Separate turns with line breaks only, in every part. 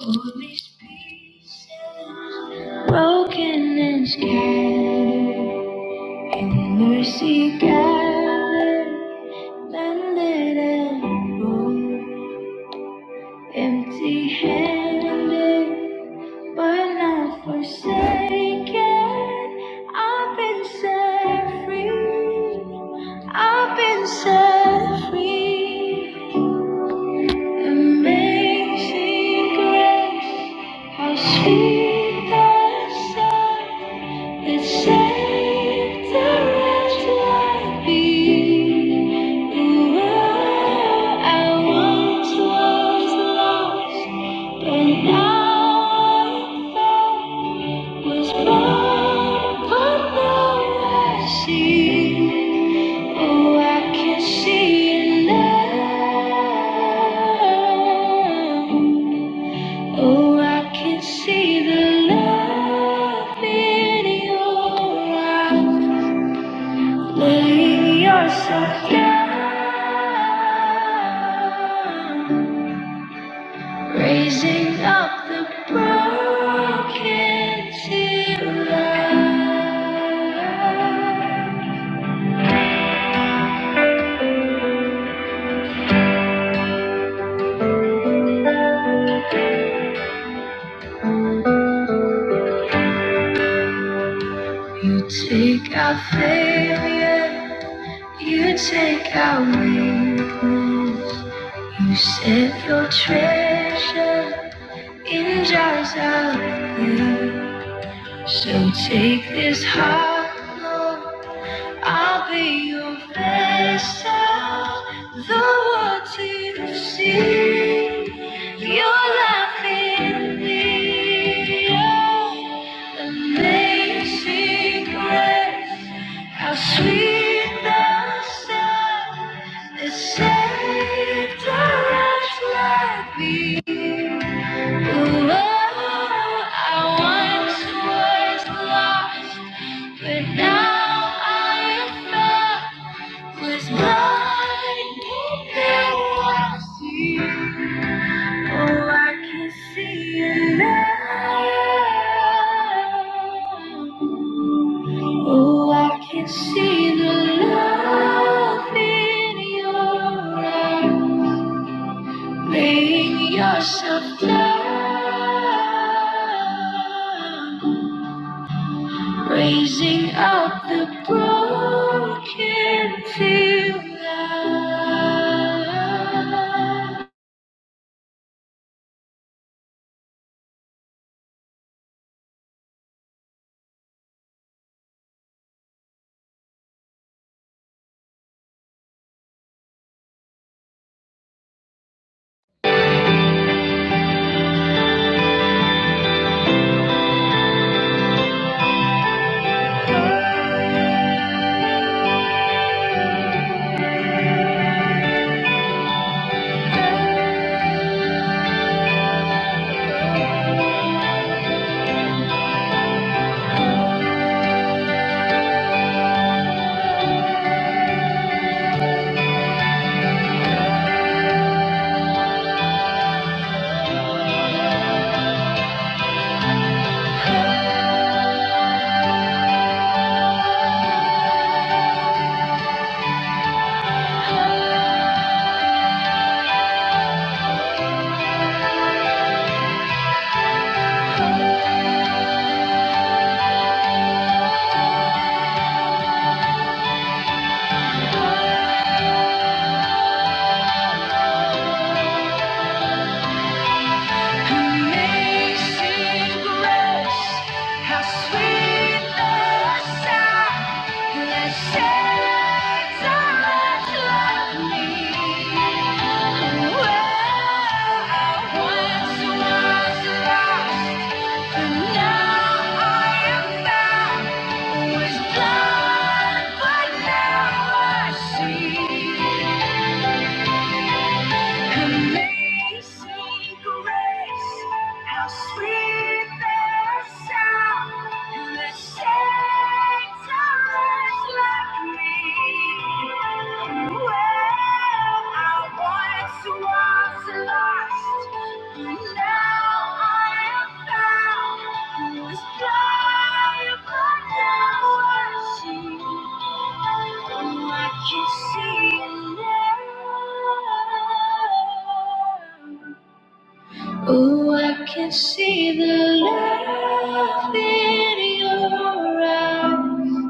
All these pieces, broken and scattered, in mercy gathered, mended and whole, empty handed, but not forsaken. I've been set free, I've been set free. Amazing grace. How sweet the sound that saved a wretch like me. Who I once was lost, but now I'm found. Was blind, but now I see. Oh, I can see it now. Oh, I can see the love in your eyes, laying yourself down, raising up the broken to life. You take our failure, you take our weakness, you set your treasure. energize our love. So take this heart, Lord. I'll be your vessel, the world to see your love in me. Oh, amazing grace, how sweet the sound that saved a wretch like me. Oh, I once was lost. But now I am found was blinded now I see. Oh, I can see it now. Oh, I can see the love in your eyes, laying yourself down. raising up the broken field. now. Amazing grace, how sweet the sound that saved a wretch like me. Well, I once was lost, but now I am found. Was blind, but now I see. Amazing grace, how sweet the sound who has saved sinners like me. Well, I once was Oh, I can see the love in your eyes.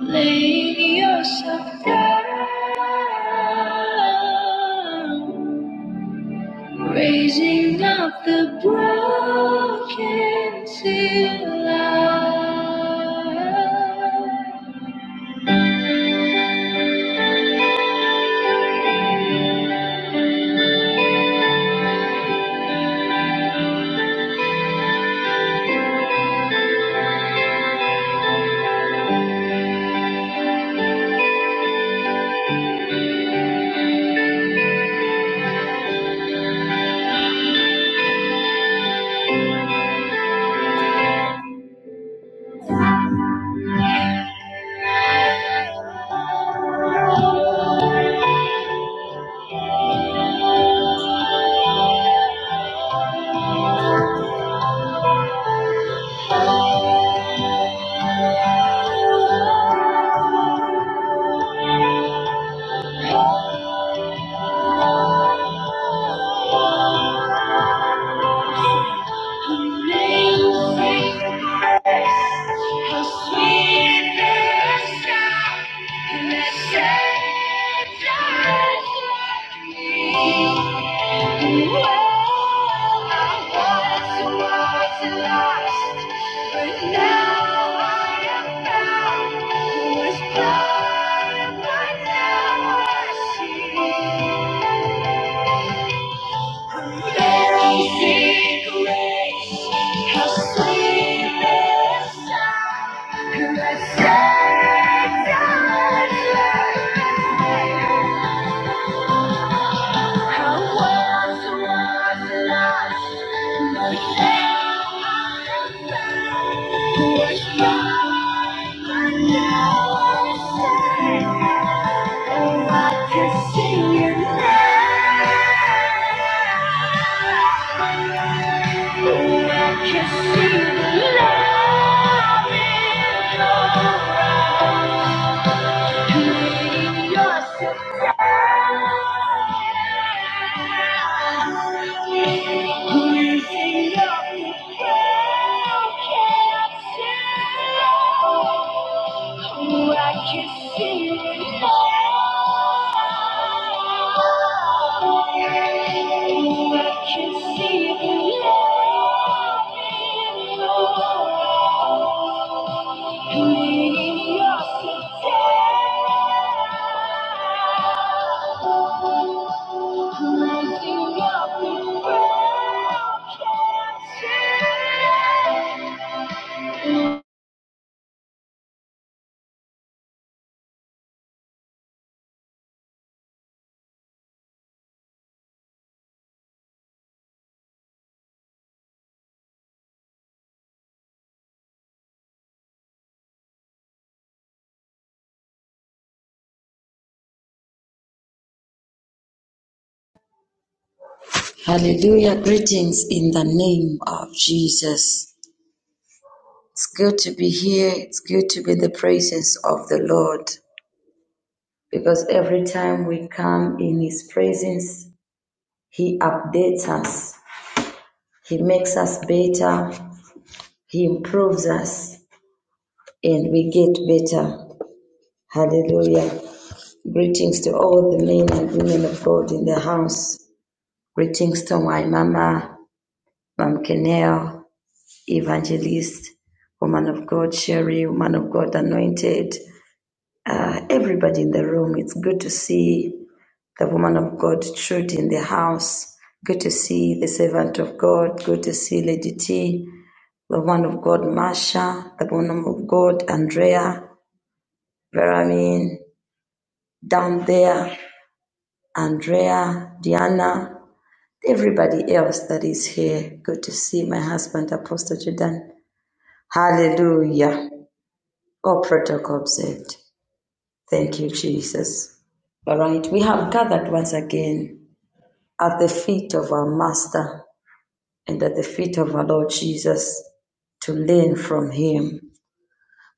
Lay yourself down. Raising up the broken till I Amazing grace, how sweet the sound that saved a sinner like me. Oh, I once was lost, but now I am found. Was blind, but now I see. Amazing grace, how sweet the sound that saved us. I once was lost, but now I'm found. Was blind, but now I'm saved. Oh, I can see you now. Oh, I can see the love in your eyes. Creating yourself Pleasing up the broken soul. Oh, I can see it now so
Hallelujah. Greetings in the name of Jesus. It's good to be here. It's good to be in the presence of the Lord because every time we come in His presence, He updates us, He makes us better, He improves us, and we get better. Hallelujah. Greetings to all the men and women of God in the house. Greetings to my mama, Mom Kenel, evangelist, woman of God, Sherry, woman of God, anointed, uh, everybody in the room. It's good to see the woman of God, Truth, in the house. Good to see the servant of God. Good to see Lady T, the woman of God, Marsha, the woman of God, Andrea, Veramin, down there, Andrea, Diana, everybody else that is here. Good to see my husband, Apostle Jordan. Hallelujah. Oh, protocol observed. Thank you, Jesus. All right, we have gathered once again at the feet of our Master and at the feet of our Lord Jesus to learn from Him.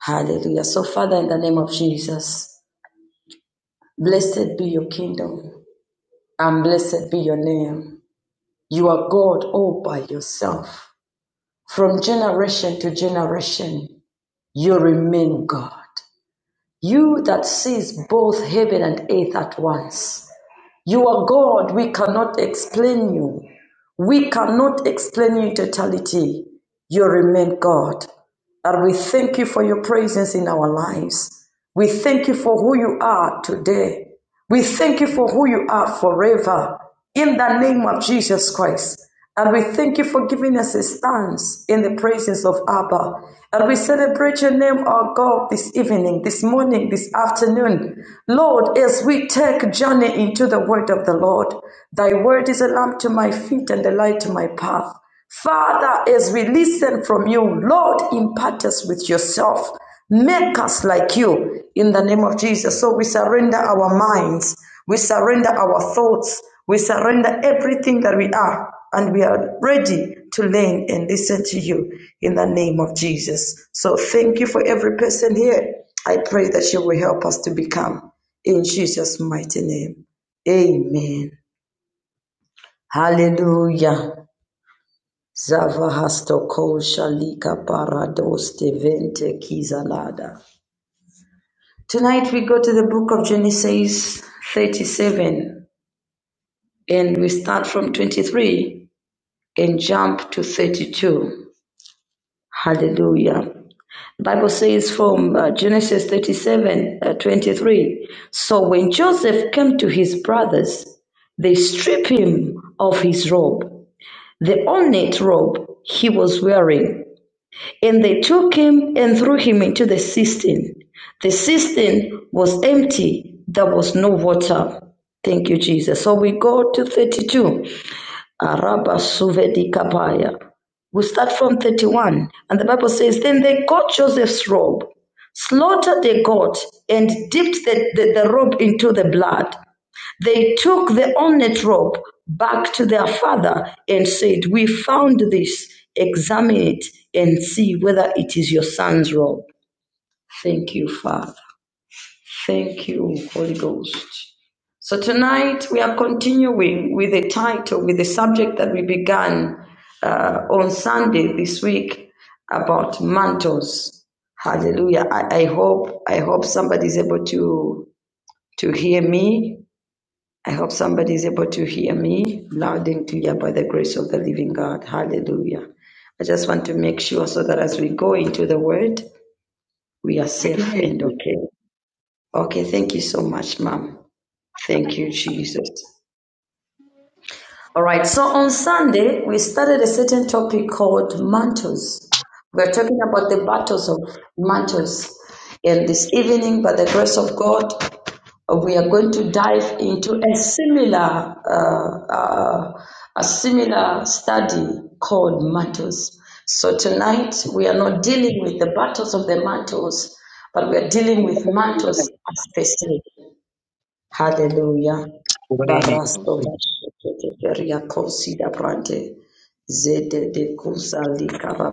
Hallelujah. So, Father, in the name of Jesus, blessed be your kingdom and blessed be your name. You are God all by yourself. From generation to generation, you remain God. You that sees both heaven and earth at once. You are God. We cannot explain you. We cannot explain you in totality. You remain God. And we thank you for your presence in our lives. We thank you for who you are today. We thank you for who you are forever in the name of Jesus Christ. And we thank you for giving us a stance in the presence of Abba. And we celebrate your name, our God, this evening, this morning, this afternoon. Lord, as we take journey into the word of the Lord, thy word is a lamp to my feet and a light to my path. Father, as we listen from you, Lord, impart us with yourself. Make us like you in the name of Jesus. So we surrender our minds, we surrender our thoughts, we surrender everything that we are, and we are ready to learn and listen to you in the name of Jesus. So thank you for every person here. I pray that you will help us to become in Jesus' mighty name. Amen. Hallelujah. Tonight we go to the book of Genesis 37 and we start from 23 and jump to 32. Hallelujah. The Bible says from uh, Genesis 37 uh, 23. So when Joseph came to his brothers, they stripped him of his robe, the ornate robe he was wearing And they took him and threw him into the cistern. The cistern was empty, there was no water. Thank you, Jesus. So we go to 32. Araba suvedi kapaya. We start from 31. And the Bible says, Then they got Joseph's robe, slaughtered the goat, and dipped the, the, the robe into the blood. They took the ornate robe back to their father and said, We found this. Examine it and see whether it is your son's robe. Thank you, Father. Thank you, Holy Ghost. So tonight we are continuing with the title, with the subject that we began uh, on Sunday this week about mantles. Hallelujah. I, I hope I hope somebody's able to to hear me I hope somebody is able to hear me loud and clear by the grace of the living God. Hallelujah. I just want to make sure so that as we go into the word, we are
We can
safe
hear
and
you.
okay. Okay, thank you so much, ma'am. Thank you, Jesus. All right, so on Sunday, we started a certain topic called mantles. We're talking about the battles of mantles. And this evening, by the grace of God, we are going to dive into a similar uh, uh, a similar study called mantles. So tonight we are not dealing with the battles of the mantles, but we are dealing with mantles as they say. Hallelujah. Barasto Baria Kosida Brante Zede de Kusa Likaba.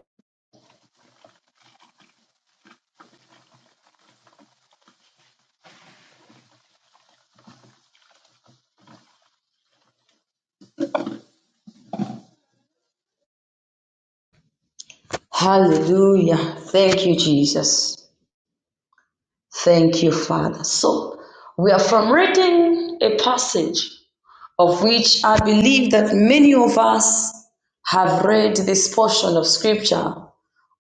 Hallelujah. Thank you, Jesus. Thank you, Father. So, we are from reading a passage of which I believe that many of us have read this portion of scripture.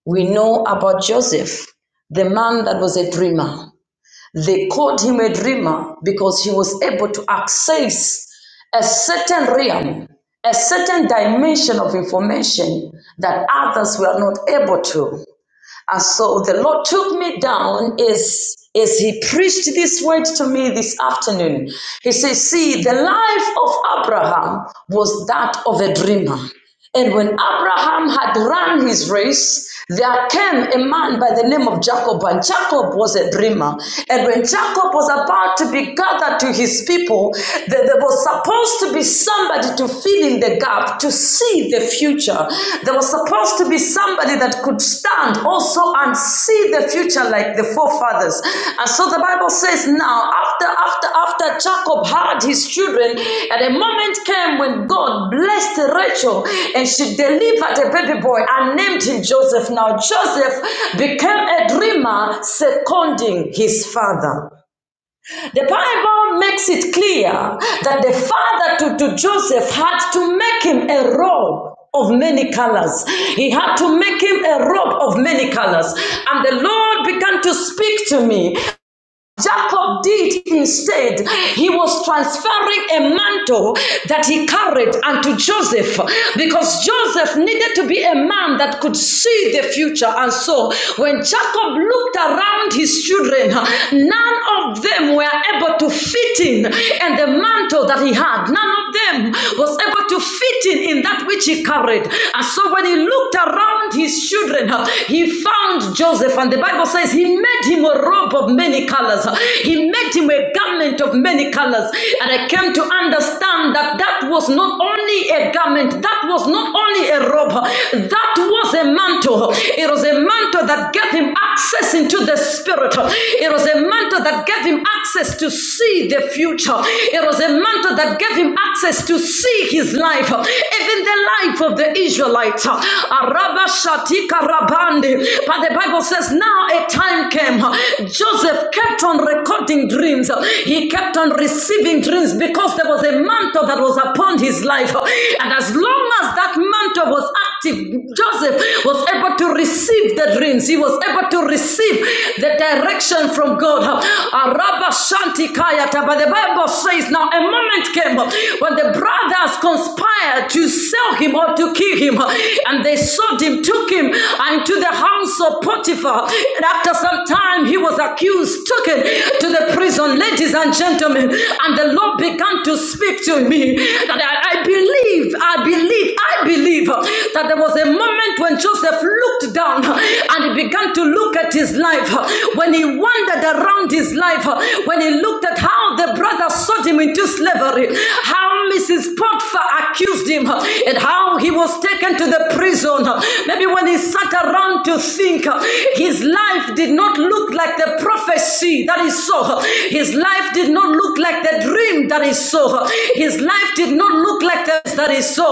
We know about Joseph, the man that was a dreamer. They called him a dreamer because he was able to access a certain realm, a certain dimension of information that others were not able to. And so the Lord took me down as, as He preached this word to me this afternoon. He says, See, the life of Abraham was that of a dreamer. And when Abraham had run his race, there came a man by the name of Jacob, and Jacob was a dreamer. And when Jacob was about to be gathered to his people, there, there was supposed to be somebody to fill fill in the gap, to see the future. There was supposed to be somebody that could stand also and see the future like the forefathers. And so the Bible says now, after, after, after Jacob had his children, and a moment came when God blessed Rachel and she delivered a baby boy and named him Joseph. Now, Joseph became a dreamer, seconding his father. The Bible makes it clear that the father to, to Joseph had to make him a robe of many colors. He had to make him a robe of many colors. And the Lord began to speak to me Jacob did instead, he was transferring a mantle that he carried unto Joseph because Joseph needed to be a man that could see the future. And so, when Jacob looked around his children, none of them were able to fit in, and the mantle that he had, none of them was able to fit in in that which he carried. And so, when he looked around his children, he found Joseph, and the Bible says he made him a robe of many colors colors. He made him a garment of many colors. And I came to understand that that was not only a garment, that was not only a robe, that was a mantle. It was a mantle that gave him access into the spirit. It was a mantle that gave him access to see the future. It was a mantle that gave him access to see his life, even the life of the Israelites. Araba shatika rabandi. But the Bible says now a time came. Joseph Joseph kept on recording dreams. He kept on receiving dreams because there was a mantle that was upon his life. And as long as that mantle was active, Joseph was able to receive the dreams. He was able to receive the direction from God. Araba Shantikayata. But the Bible says now a moment came when the brothers conspired to sell him or to kill him. And they sold him, took him into the house of Potiphar. And after some time, he was a accused, taken to the prison, ladies and gentlemen. And the Lord began to speak to me that I, I believe, I believe, I believe that there was a moment when Joseph looked down and he began to look at his life, when he wandered around his life, when he looked at how the brothers sold him into slavery, how Mrs. Potiphar accused him, and how he was taken to the prison. Maybe when he sat around to think, his life did not look like like the prophecy that is so. His life did not look like the dream that is so. His life did not look like the that is so.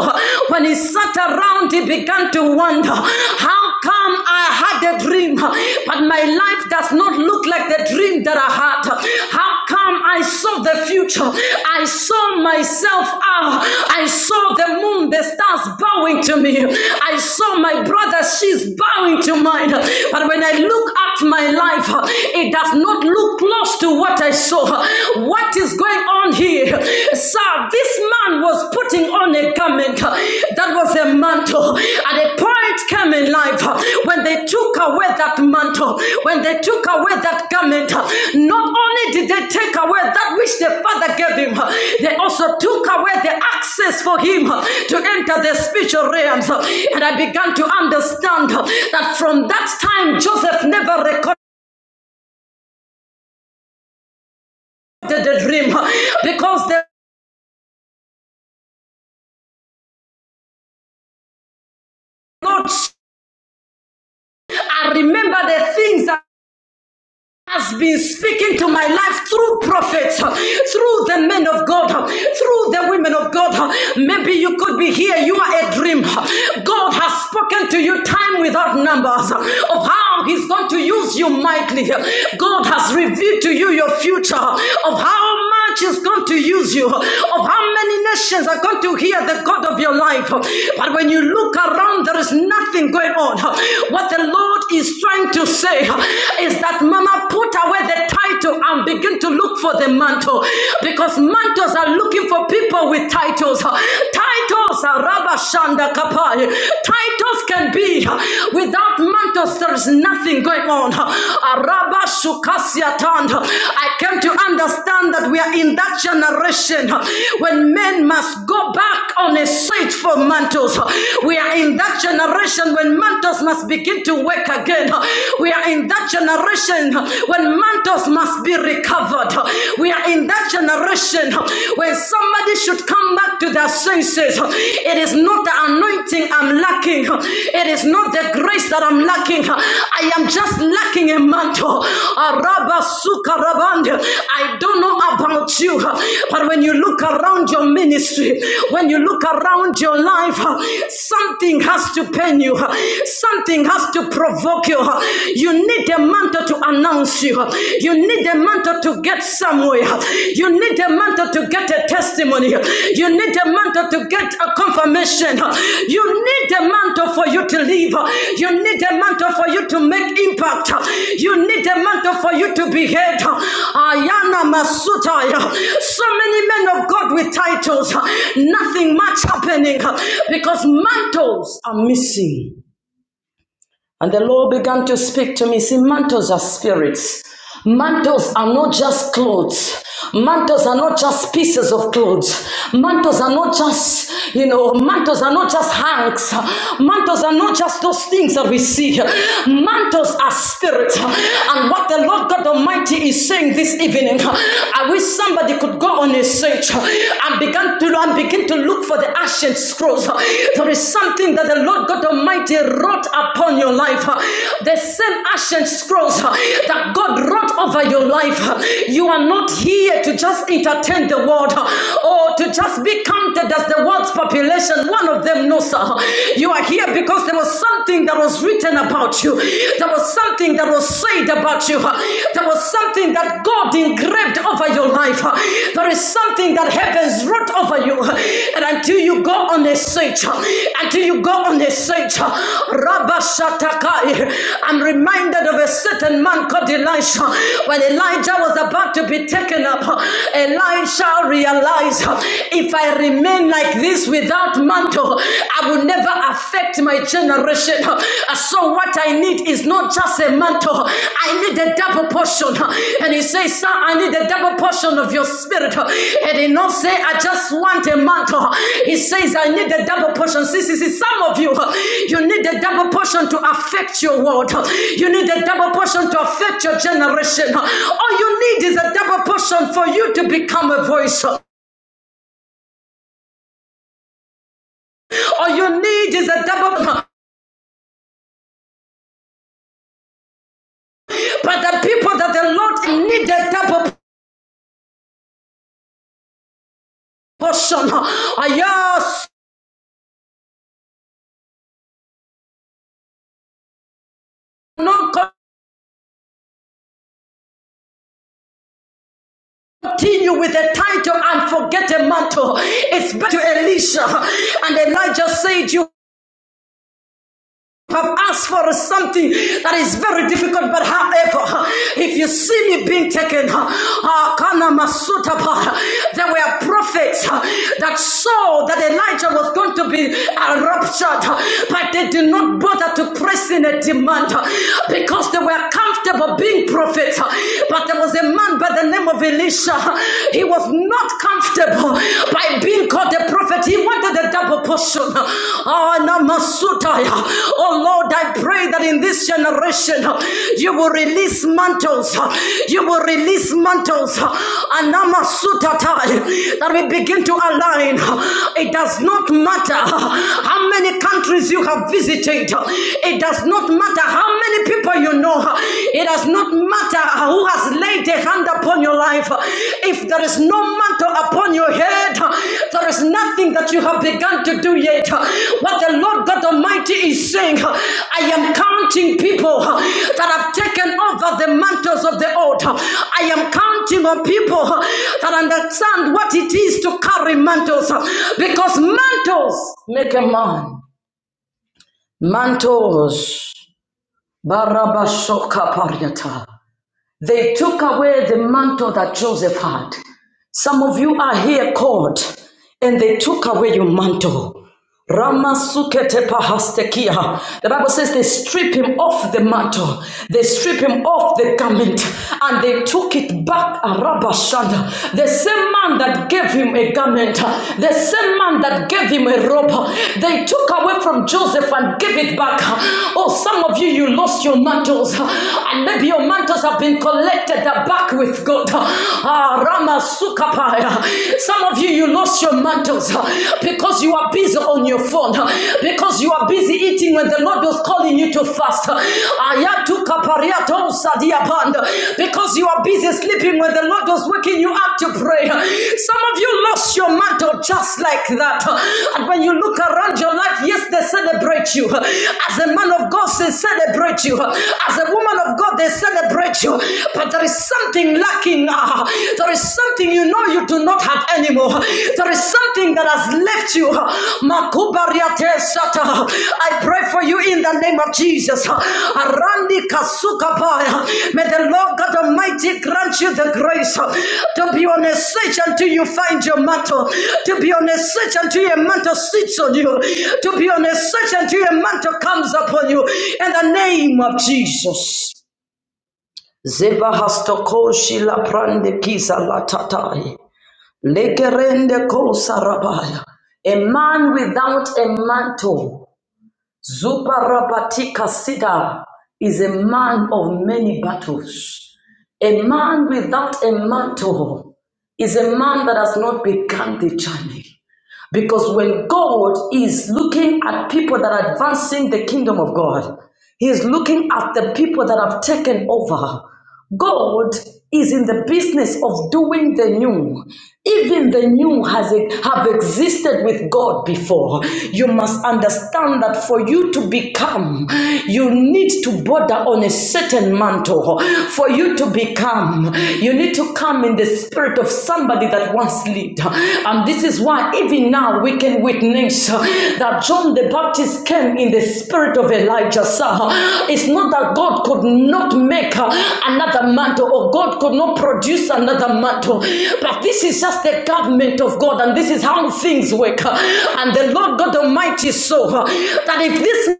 When he sat around, he began to wonder how come I had a dream, but my life does not look like the dream that I had. How come I saw the future? I saw myself out. I saw the moon, the stars bowing to me. I saw my brother, she's bowing to mine. But when I look at my life, life, uh, it does not look close to what I saw. What is going on here? Sir, this man was putting on a garment uh, that was a mantle. At a point came in life uh, when they took away that mantle, when they took away that garment, uh, not only did they take away that which the Father gave him, uh, they also took away the access for him uh, to enter the spiritual realms. And I began to understand uh, that from that time, Joseph never recovered the dream because the Lord, I remember the things. that has been speaking to my life through prophets, through the men of God, through the women of God. Maybe you could be here, you are a dream. God has spoken to you time without numbers of how He's going to use you mightily. God has revealed to you your future of how much is going to use you, of how many nations are going to hear the God of your life. But when you look around, there is nothing going on. What the Lord is trying to say is that Mama put away the title and begin to look for the mantle because mantles are looking for people with titles. Titles are Rabba Kapai. Titles can be without mantles, there is nothing going on. Araba Shukasia Tand. I came to understand that we are in that generation when men must go back on a search for mantles. We are in that generation when mantles must begin to work again. We are in that generation when mantles must be recovered. We are in that generation when somebody should come back to their senses. It is not the anointing I'm lacking, it is not the grace that I'm lacking. I am just lacking a mantle. Araba suka rabande. I don't know about you, but when you look around your ministry, when you look around your life, something has to pain you, something has have to provoke you. You need a mantle to announce you. You need a mantle to get somewhere. You need a mantle to get a testimony. You need a mantle to get a confirmation. You need a mantle for you to live. You need a mantle for you to make impact. You need a mantle for you to be heard. Ayana Masutaya. So many men of God with titles, nothing much happening because mantles are missing. And the Lord began to speak to me. See, mantles are spirits. Mantles are not just clothes. Mantles are not just pieces of clothes. Mantles are not just, you know, mantles are not just hanks. Mantles are not just those things that we see. Mantles are spirit. And what the Lord God Almighty is saying this evening, I wish somebody could go on a search and begin to and begin to look for the ancient scrolls. There is something that the Lord God Almighty wrote upon your life. uh, The same ancient scrolls uh, that God wrote over your life. uh, You are not here to just entertain the world uh, or to just be counted as the world's population. One of them no, sir. You are here because there was something that was written about you. There was something that was said about you. uh, There was something that God engraved over your life. There is something that heavens wrote over you. And until you go on a search, until you go on a search, Rabba I'm reminded of a certain man called Elisha. When Elijah was about to be taken up, Elisha realized if I remain like this without mantle, I will never affect my generation. Uh, So what I need is not just a mantle. I need a double portion. And he says, son, I need a double portion of your spirit. And he not say, I just want a mantle. He says, I need a double portion. See, see, see, some of you, you need a double portion to affect your world. You need a double portion to affect your generation. All you need is a double portion for you to become a voice. All you need is a double portion. but the people that the Lord needed double portion. Yes, not continue with a title and forget a mantle. It's better, to Elisha. And Elijah said, You have asked for something that is very difficult, but however, if you see me being taken, uh, there were prophets uh, that saw that Elijah was going to be uh, raptured, uh, but they did not bother to press in a demand uh, because they were comfortable being prophets. uh, But there was a man by the name of Elisha, uh, he was not comfortable by being called a prophet, he wanted a double portion. Ah, Oh Lord, I pray that in this generation you will release mantles. You will release mantles. Anamasutataya. That we begin to align. It does not matter how many countries you have visited. It does not matter how many people you know. It does not matter who has laid a hand upon your life, if there is no mantle upon your head, there is nothing that you have begun to do yet. What the Lord God Almighty is saying, I am counting people that have taken over the mantles of the old. I am counting on people that understand what it is to carry mantles because mantles make a man. Mantles. Barabashoka pariata. They took away the mantle that Joseph had. Some of you are here called, and they took away your mantle. Ramasukete pahastekia. The Bible says they strip him off the mantle, they strip him off the garment, and they took it back. Arabashanda. The same man that gave him a garment, the same man that gave him a robe, they took away from Joseph and gave it back. Oh, some of you, you lost your mantles, and maybe your mantles have been collected back with God. Ah, Ramasukapaya. Some of of you, you lost your mantles uh, because you are busy on your phone, uh, because you are busy eating when the Lord was calling you to fast. uh, uh, Because you are busy sleeping when the Lord was waking you up to pray. uh, Some of you lost your mantle just like that. uh, And when you look around your life, yes, they celebrate you. uh, As a man of God, they celebrate you. uh, As a woman of God, they celebrate you. But there is something lacking lacking There is something you know you do not have anymore. There is something that has left you. Makubariate sata. I pray for you in the name of Jesus. Arandi kasukapaya. May the Lord God Almighty grant you the grace to be on a search until you find your mantle, to be on a search until your mantle sits on you, to be on a search until your mantle comes upon you. In the name of Jesus. Zeva hastokoshi la prande kisa la tatai. Legerende kosa rabaya. A man without a mantle, Zuparabatika Sida, is a man of many battles. A man without a mantle is a man that has not become the journey. Because when God is looking at people that are advancing the kingdom of God, He is looking at the people that have taken over. God is in the business of doing the new. Even the new has e, have existed with God before. You must understand that for you to become, you need to border on a certain mantle. For you to become, you need to come in the spirit of somebody that once lived. And this is why even now we can witness uh, that John the Baptist came in the spirit of Elijah. sir. It's not that God could not make uh, another mantle or God could not produce another mantle, but this is just the government of God and this is how things work. And the Lord God Almighty saw uh, that if this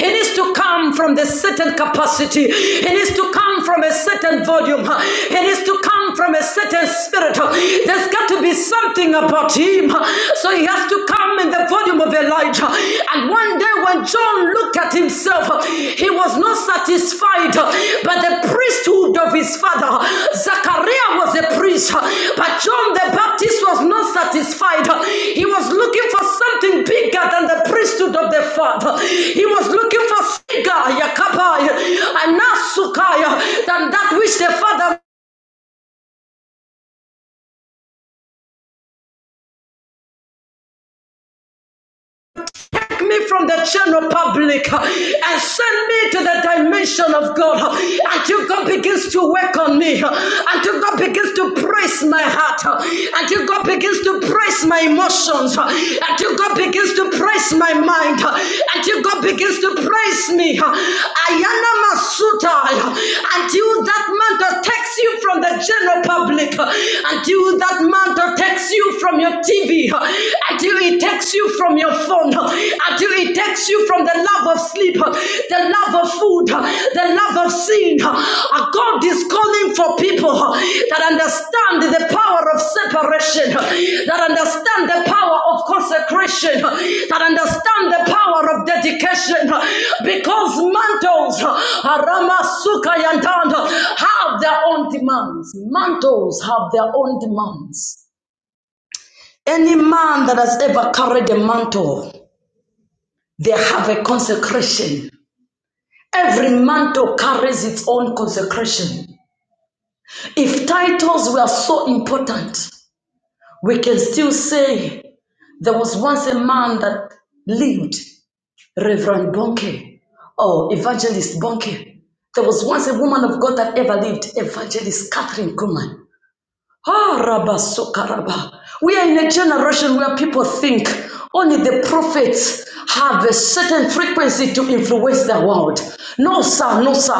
it is to come from the certain capacity. It is to come from a certain volume. It is to come from a certain spirit. There's got to be something about him. So he has to come in the volume of Elijah. And one day when John looked at himself, he was not satisfied died by the priesthood of his father. Zachariah was a priest, but John the Baptist was not satisfied. He was looking for something bigger than the priesthood of the father. He was looking for bigger Yakabaya, and Nasukaya than that which the father take me from the general public uh, and send me to the dimension of God uh, until God begins to work on me, uh, until God begins to praise my heart, uh, until God begins to praise my emotions, uh, until God begins to praise my mind, uh, until God begins to praise me. uh, Ayana Masuta, uh, until that mantle takes you from the general public, uh, until that mantle takes you from your TV, uh, until it takes you from your phone. Until it takes you from the love of sleep, the love of food, the love of sin. God is calling for people that understand the power of separation, that understand the power of consecration, that understand the power of dedication. Because mantles, Ramasuka Yandanda, have their own demands. Mantles have their own demands. Any man that has ever carried a mantle, they have a consecration. Every mantle carries its own consecration. If titles were so important, we can still say there was once a man that lived, Reverend Bonke or Evangelist Bonke. There was once a woman of God that ever lived, Evangelist Catherine Kuhlman. Ah, Rabba Sokaraba. We are in a generation where people think only the prophets have a certain frequency to influence the world. No, sir, no, sir.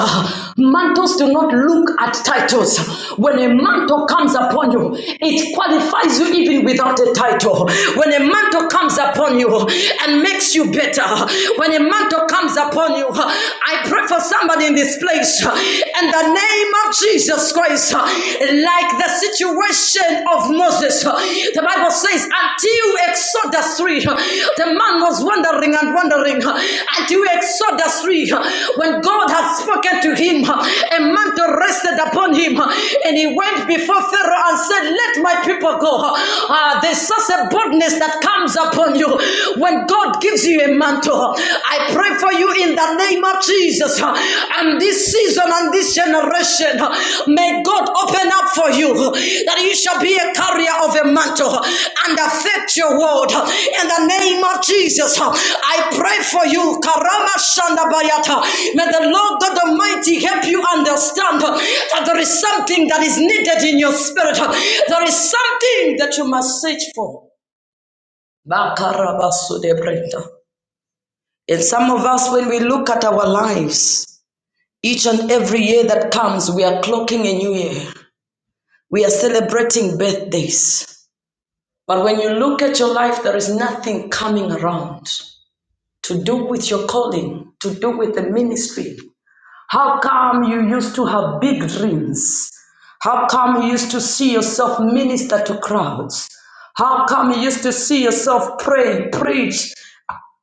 Mantles do not look at titles. When a mantle comes upon you, it qualifies you even without a title. When a mantle comes upon you and makes you better, when a mantle comes upon you, I pray for somebody in this place uh, in the name of Jesus Christ, uh, like the situation of Moses. uh, The Bible says, until Exodus 3, uh, the man was wandering and wandering uh, until Exodus 3, uh, when God had spoken to him, uh, a mantle rested upon him, uh, and he went before Pharaoh and said, Let my people go. Uh, There's such a boldness that comes upon you when God gives you a mantle. I pray for you in the name of Jesus. huh, And this season and this generation, huh, may God open up for you huh, that you shall be a carrier of a mantle huh, and affect your world. huh, In the name of Jesus, huh. I pray for you. Karama Shanda Bayata. May the Lord God Almighty help you understand huh, that there is something that is needed in your spirit. huh. There is something that you must search for. Bakarabasu and some of us, when we look at our lives, each and every year that comes, we are clocking a new year. We are celebrating birthdays. But when you look at your life, there is nothing coming around to do with your calling, to do with the ministry. How come you used to have big dreams? How come you used to see yourself minister to crowds? How come you used to see yourself pray, preach?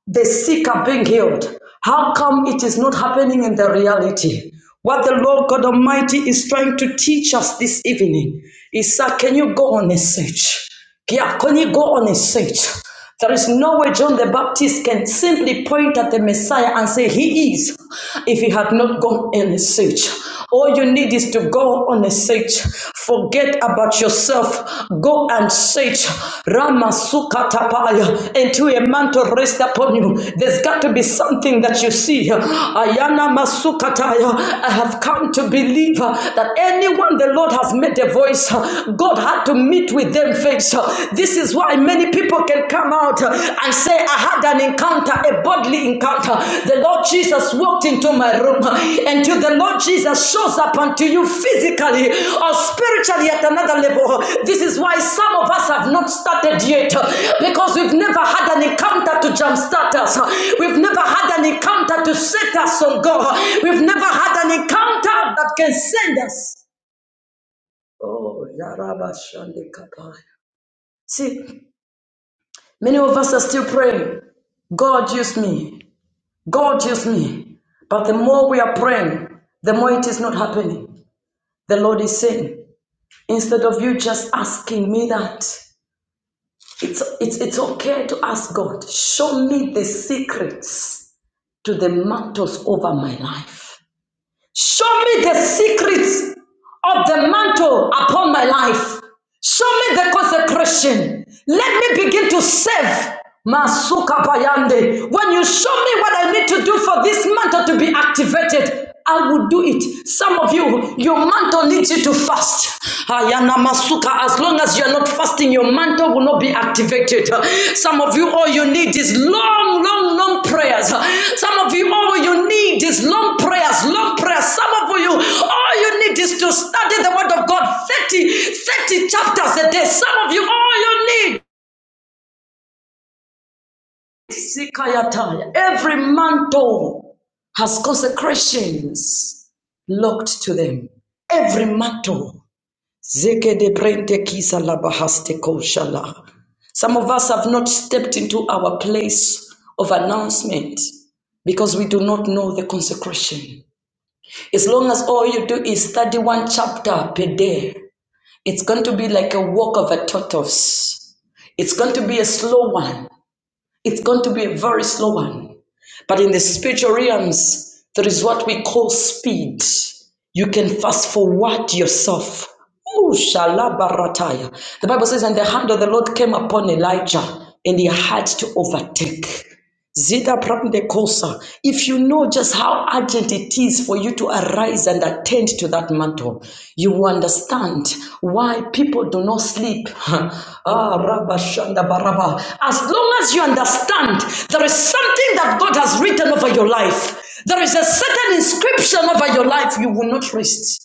the sick are being healed. How come it is not happening in the reality? What the Lord God Almighty is trying to teach us this evening is, sir, can you go on a search? Yeah, can you go on a search? There is no way John the Baptist can simply point at the Messiah and say, He is, if he had not gone on a search. All you need is to go on a search. Forget about yourself. Go and search Ramasukatapaya until a mantle rests upon you. There's got to be something that you see. Ayana Masukataya, I have come to believe that anyone the Lord has made a voice, God had to meet with them face. This is why many people can come out and say, I had an encounter, a bodily encounter. The Lord Jesus walked into my room. Until the Lord Jesus shows up unto you physically or spiritually at another level. This is why some of us have not started yet because we've never had an encounter to jumpstart us. We've never had an encounter to set us on God. We've never had an encounter that can send us. Oh, Yaraba Shandikapai. See, many of us are still praying. God use me. God use me. But the more we are praying, the more it is not happening. The Lord is saying, instead of you just asking me that, it's, it's, it's okay to ask God, show me the secrets to the matters over my life. Show me the secrets of the mantle upon my life. Show me the consecration. Let me begin to serve. Masuka Bayande. When you show me what I need to do for this mantle to be activated, I will do it. Some of you, your mantle needs you to fast. Ayana Masuka, as long as you're not fasting your mantle will not be activated. Some of you, all you need is long, long, long prayers. Some of you, all you need is long prayers, long prayers. Some of you, all you need is to study the Word of God thirty, thirty chapters a day. Some of you, all you need. Every mantle has consecrations locked to them. Every mantle. Some of us have not stepped into our place of announcement because we do not know the consecration. As long as all you do is study one chapter per day, it's going to be like a walk of a tortoise. It's going to be a slow one it's going to be a very slow one. But in the spiritual realms, there is what we call speed. You can fast forward yourself. Ooh, shalabarataya. The Bible says, and the hand of the Lord came upon Elijah, and he had to overtake. Zida prapne kosa. If you know just how urgent it is for you to arise and attend to that mantle, you will understand why people do not sleep. ah, rabba shanda baraba. As long as you understand, there is something that God has written over your life. There is a certain inscription over your life. You will not rest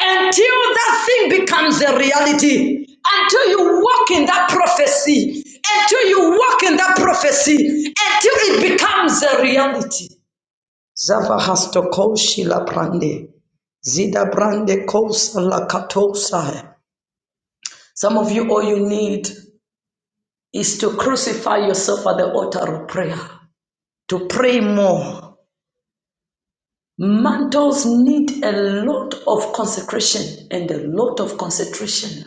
until that thing becomes a reality, until you walk in that prophecy, until you walk in that prophecy, until it becomes a reality. Zava has to koshi la brande, zida brande kosa la katosa. Some of you, all you need is to crucify yourself at the altar of prayer, to pray more. Mantles need a lot of consecration and a lot of concentration.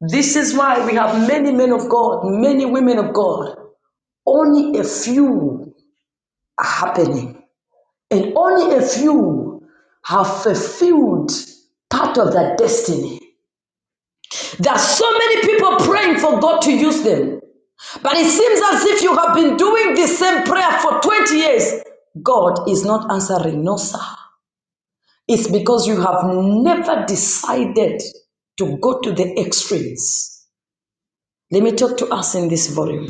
This is why we have many men of God, many women of God. Only a few are happening, and only a few have fulfilled part of their destiny. There are so many people praying for God to use them, but it seems as if you have been doing the same prayer for 20 years. God is not answering, no, sir. It's because you have never decided to go to the extremes. Let me talk to us in this volume.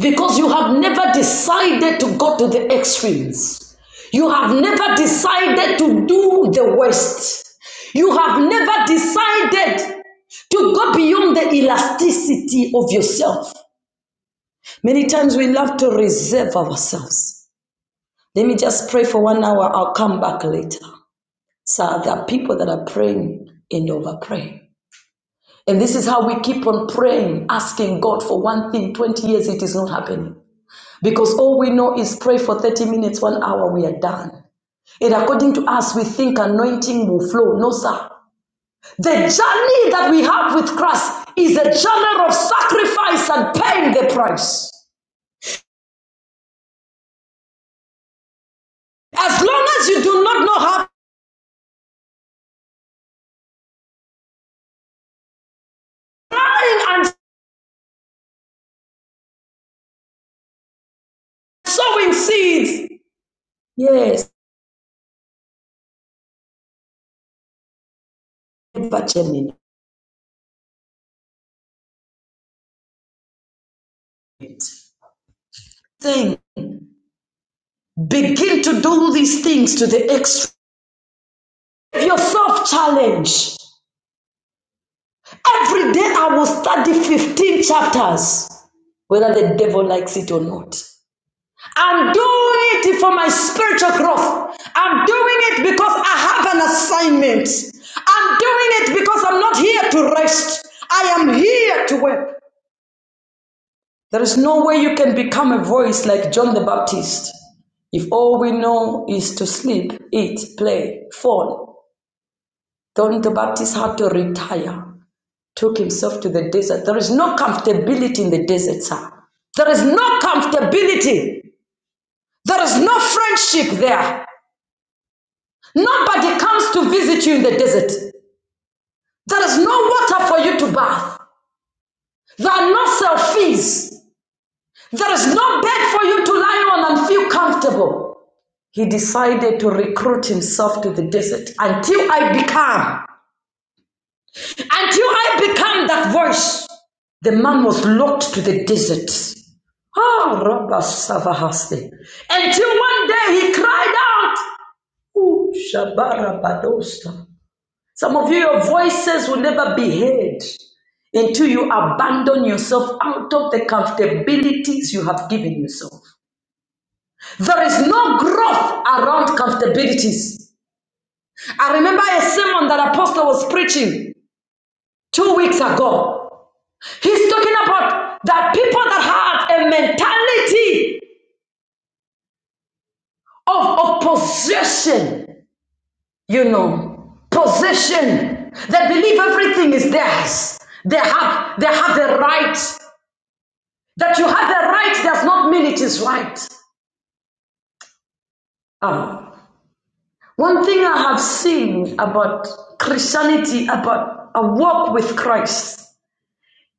because you have never decided to go to the extremes. You have never decided to do the worst. You have never decided to go beyond the elasticity of yourself. Many times we love to reserve ourselves. Let me just pray for one hour. I'll come back later. So there are people that are praying and over praying. And this is how we keep on praying, asking God for one thing. 20 years it is not happening. Because all we know is pray for 30 minutes, one hour, we are done. And according to us, we think anointing will flow. No, sir. The journey that we have with Christ is a journey of sacrifice and paying the price. As long as you do not know how planting and sowing seeds, yes, but germinate. begin to do these things to the extreme. Yourself challenge. Every day I will study 15 chapters. whether the devil likes it or not. I'm doing it for my spiritual growth. I'm doing it because I have an assignment. I'm doing it because I'm not here to rest. I am here to work. There is no way you can become a voice like John the Baptist if all we know is to sleep, eat, play, fall. John the Baptist had to retire, took himself to the desert. There is no comfortability in the desert, sir. There is no comfortability. There is no friendship there. Nobody comes to visit you in the desert. There is no water for you to bath. There are no selfies. There is no bed for you to lie on and feel comfortable. He decided to recruit himself to the desert until I become, until I become that voice. The man was locked to the desert. Ah, Rabba Savahaste. Until one day he cried out, Ooh, Shabarabadosta. Some of you, your voices will never be heard until you abandon yourself out of the comfortabilities you have given yourself. There is no growth around comfortabilities. I remember a sermon that Apostle was preaching two weeks ago. He's talking about that people that have a mentality of, of possession, you know, possession. They believe everything is theirs. They have they have the right That you have the right does not mean it is right. Um, one thing I have seen about Christianity, about a walk with Christ,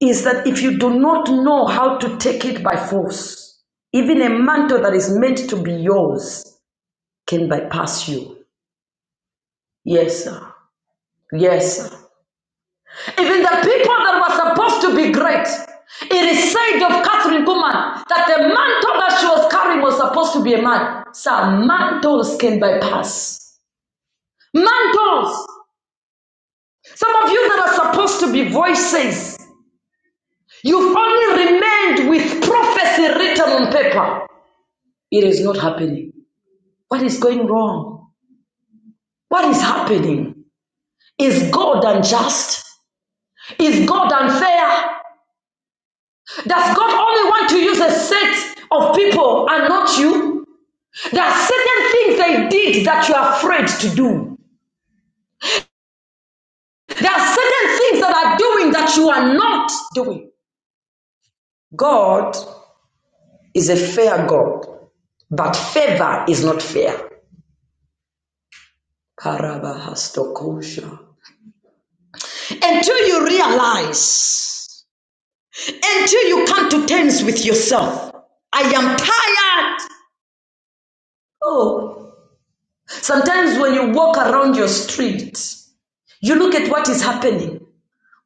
is that if you do not know how to take it by force, even a mantle that is meant to be yours can bypass you. Yes, sir. Yes, sir. Even the people that were supposed to be great, it is said of Catherine Kuhlman that the mantle that she was carrying was supposed to be a man. Sir, mantles can bypass. Mantles. Some of you that are supposed to be voices, you've only remained with prophecy written on paper. It is not happening. What is going wrong? What is happening? Is God unjust? Is God unfair? Does God only want to use a set of people and not you? There are certain things they did that you are afraid to do. There are certain things that are doing that you are not doing. God is a fair God. But favor is not fair. Karabahastokosha. Until you realize, until you come to terms with yourself, I am tired. Oh, sometimes when you walk around your street, you look at what is happening,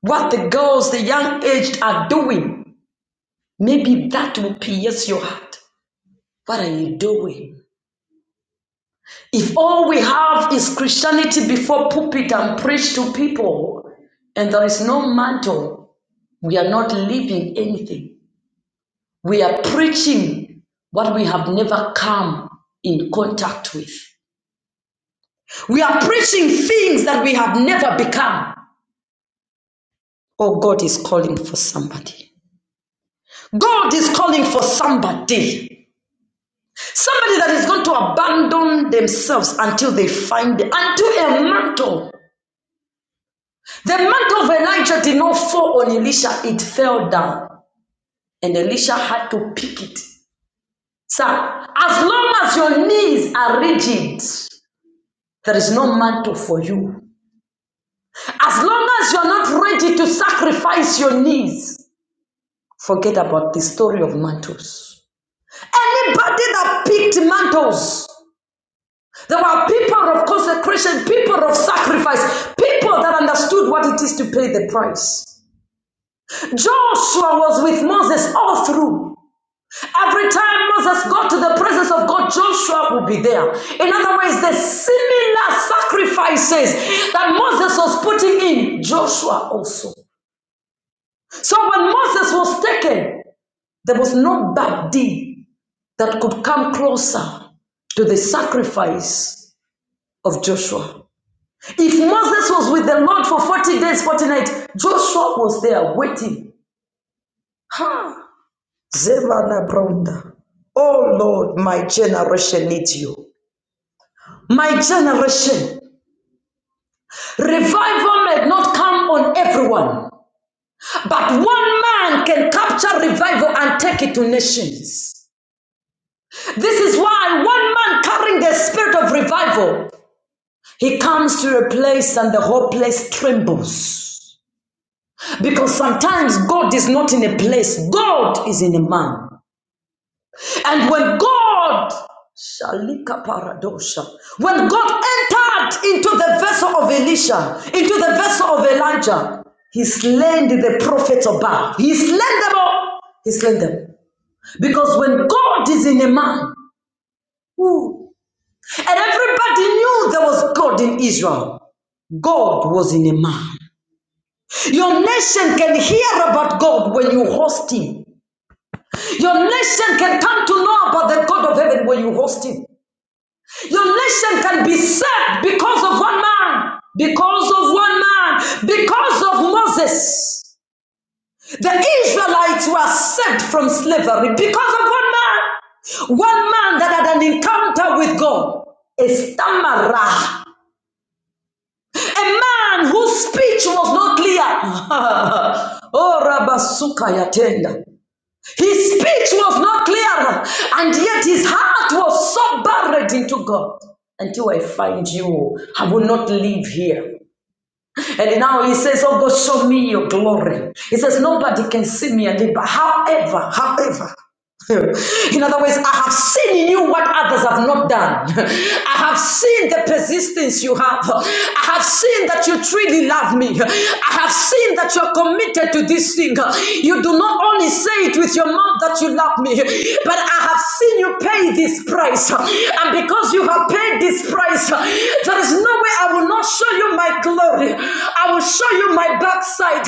what the girls, the young aged are doing. Maybe that will pierce your heart. What are you doing? If all we have is Christianity before pulpit and preach to people, and there is no mantle We are not living anything. We are preaching what we have never come in contact with. We are preaching things that we have never become. Oh, God is calling for somebody. God is calling for somebody. Somebody that is going to abandon themselves until they find it. until a mantle. The mantle of Elijah did not fall on Elisha, it fell down. And Elisha had to pick it Sir, as long as your knees are rigid, there is no mantle for you. As long as you're not ready to sacrifice your knees, forget about the story of mantles. Anybody that picked mantles, there were people of consecration, people of sacrifice, people that understood what it is to pay the price. Joshua was with Moses all through. Every time Moses got to the presence of God, Joshua would be there. In other words, the similar sacrifices that Moses was putting in, Joshua also. So when Moses was taken, there was no bad deed that could come closer to the sacrifice of Joshua. If Moses was with the Lord for 40 days, 40 nights, Joshua was there waiting. Ha! Zebana Bronda. Oh Lord, my generation needs you. My generation, revival may not come on everyone, but one man can capture revival and take it to nations. This is why one man carrying the spirit of revival, he comes to a place and the whole place trembles. Because sometimes God is not in a place, God is in a man. And when God Shalika paradosha. When God entered into the vessel of Elisha, into the vessel of Elijah, he slain the prophets of Baal. He slain them all. He slain them. Because when God is in a man, who and everybody knew there was God in Israel. God was in a man. Your nation can hear about God when you host Him. Your nation can come to know about the God of heaven when you host Him. Your nation can be saved because of one man, because of one man, because of Moses. The Israelites were saved from slavery because of one man. One man that had an encounter with God, a stammerer, a man whose speech was not clear. oh, Rabasukayatenda. His speech was not clear, and yet his heart was so buried into God. Until I find you, I will not live here. And now he says, Oh God, show me your glory. He says, Nobody can see me and live. But however, however, in other words, I have seen in you what others have not done. I have seen the persistence you have. I have seen that you truly love me. I have seen that you are committed to this thing. You do not only say it with your mouth that you love me, but I have seen you pay this price. And because you have paid this disgrace. There is no way I will not show you my glory. I will show you my backside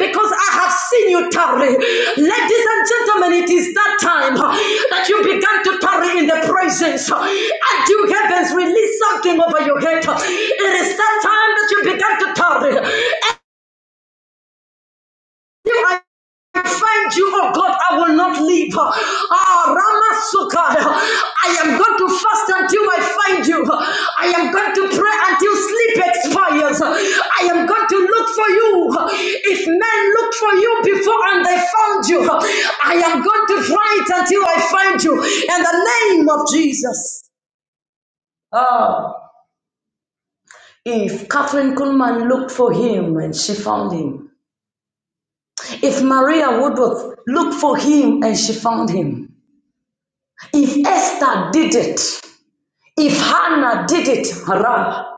because I have seen you tarry. Ladies and gentlemen, it is that time that you began to tarry in the presence. And you heavens release something over your head. It is that time that you began to tarry. I find you, oh God, I will not leave. Ah, Ramasuka, I am going to fast until I find you. I am going to pray until sleep expires. I am going to look for you. If men looked for you before and they found you, I am going to fight until I find you. In the name of Jesus. Ah, if Catherine Kuhlman looked for him and she found him, If Maria Woodworth looked for him and she found him, if Esther did it, if Hannah did it, Ra,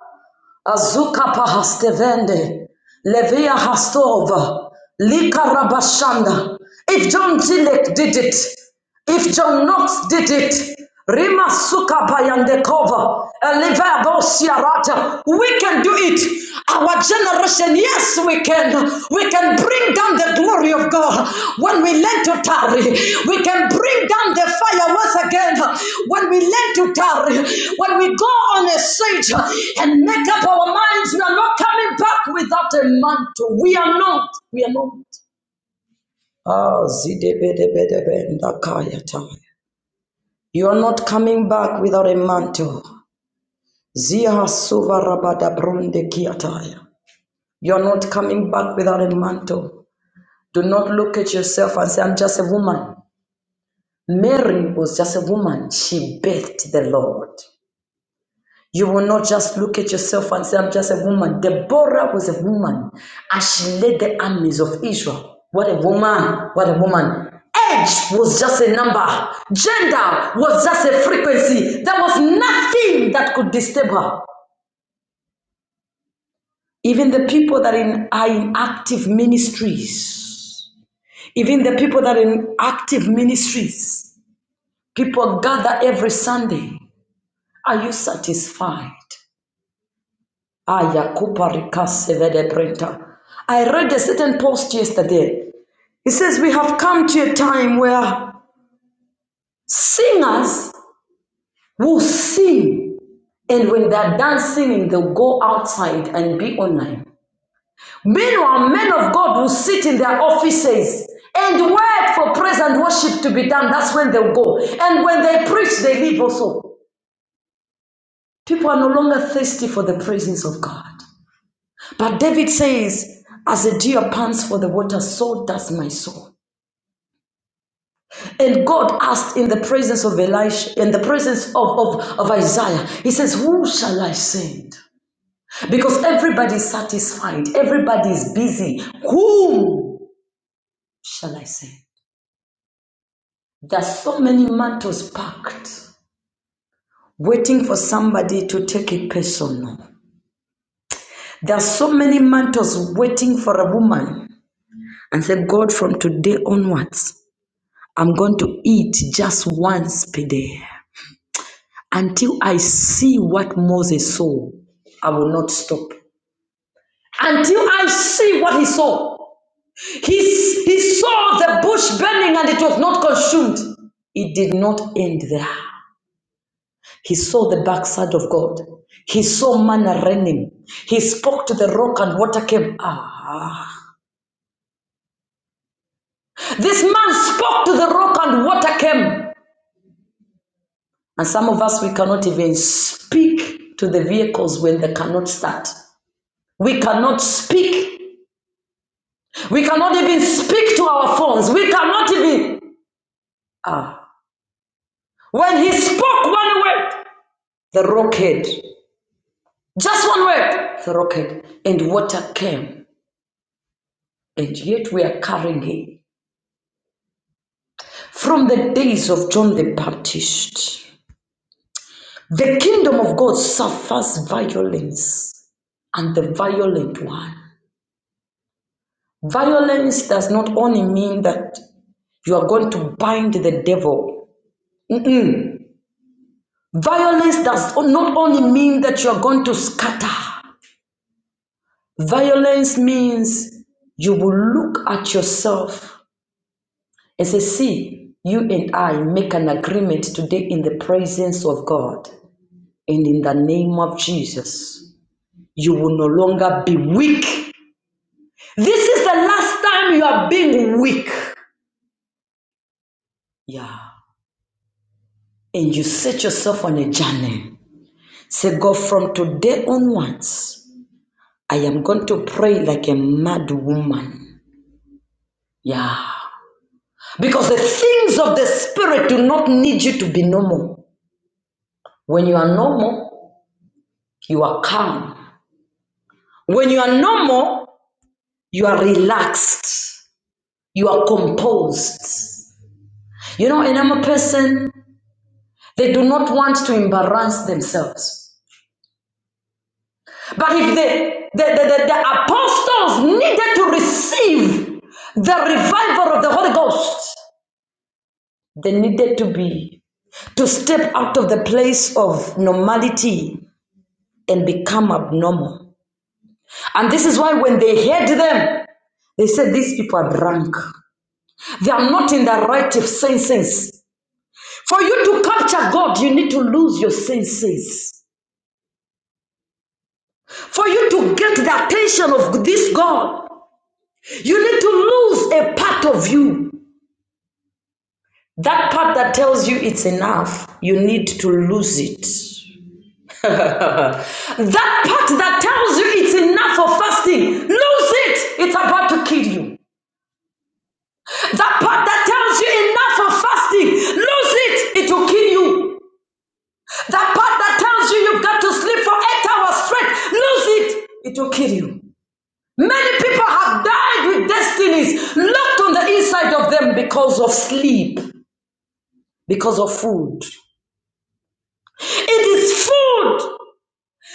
Azuka Pahastevende, Levia Hastova, Lika Rabashanda, if John Tillich did it, if John Knox did it, Rima Sukapa and the cover, Siarata, we can do it. Our generation, yes, we can. We can bring down the glory of God when we learn to tarry. We can bring down the fire once again when we learn to tarry. When we go on a stage and make up our minds, we are not coming back without a mantle. We are not. We are not. Ah, zidebedebedebe, ndakayata. You are not coming back without a mantle. Zia suvarabada brunde kiataya. You are not coming back without a mantle. Do not look at yourself and say, I'm just a woman. Mary was just a woman. She bathed the Lord. You will not just look at yourself and say, I'm just a woman. Deborah was a woman as she led the armies of Israel. What a woman! What a woman! Age was just a number, gender was just a frequency. There was nothing that could disturb her. Even the people that in, are in active ministries, even the people that are in active ministries, people gather every Sunday. Are you satisfied? Ayakupa Rikasevede Printer. I read a certain post yesterday. It says we have come to a time where singers will sing, and when they're done singing, they'll go outside and be online. Meanwhile, men of God will sit in their offices and wait for praise and worship to be done. That's when they'll go. And when they preach, they leave also. People are no longer thirsty for the presence of God. But David says, As a deer pants for the water, so does my soul. And God asked in the presence of Elisha, in the presence of, of, of Isaiah, He says, Who shall I send? Because everybody is satisfied, everybody is busy. Whom shall I send? There are so many mantles packed, waiting for somebody to take it personal. There are so many mantles waiting for a woman. And say, God, from today onwards, I'm going to eat just once per day. Until I see what Moses saw, I will not stop. Until I see what he saw. He, he saw the bush burning and it was not consumed. It did not end there. He saw the backside of God. He saw manna raining. He spoke to the rock and water came. Ah. This man spoke to the rock and water came. And some of us, we cannot even speak to the vehicles when they cannot start. We cannot speak. We cannot even speak to our phones. We cannot even. Ah. When he spoke one word, the rock head. Just one word, the rock head. And water came. And yet we are carrying him. From the days of John the Baptist, the kingdom of God suffers violence, and the violent one. Violence does not only mean that You are going to bind the devil. Mm-mm. Violence does not only mean that you are going to scatter, violence means you will look at yourself and say, See, you and I make an agreement today in the presence of God and in the name of Jesus. You will no longer be weak. This is the last time you are being weak. Yeah. And you set yourself on a journey. Say, God, from today onwards, I am going to pray like a mad woman. Yeah. Because the things of the Spirit do not need you to be normal. When you are normal, you are calm. When you are normal, you are relaxed. You are composed. You know, a normal person, they do not want to embarrass themselves. But if the, the, the, the, the apostles needed to receive the revival of the Holy Ghost, they needed to be to step out of the place of normality and become abnormal. And this is why when they heard them, they said, These people are drunk. They are not in their right senses. For you to capture God, you need to lose your senses. For you to get the attention of this God, you need to lose a part of you. That part that tells you it's enough, you need to lose it. That part that tells you it's enough for fasting, lose it. It's about to kill you. That part that tells you enough for fasting, lose it. It will kill you. That part that tells you you've got to sleep for eight hours straight, lose it. It will kill you. Many people have died with destinies locked on the inside of them because of sleep, because of food. It is food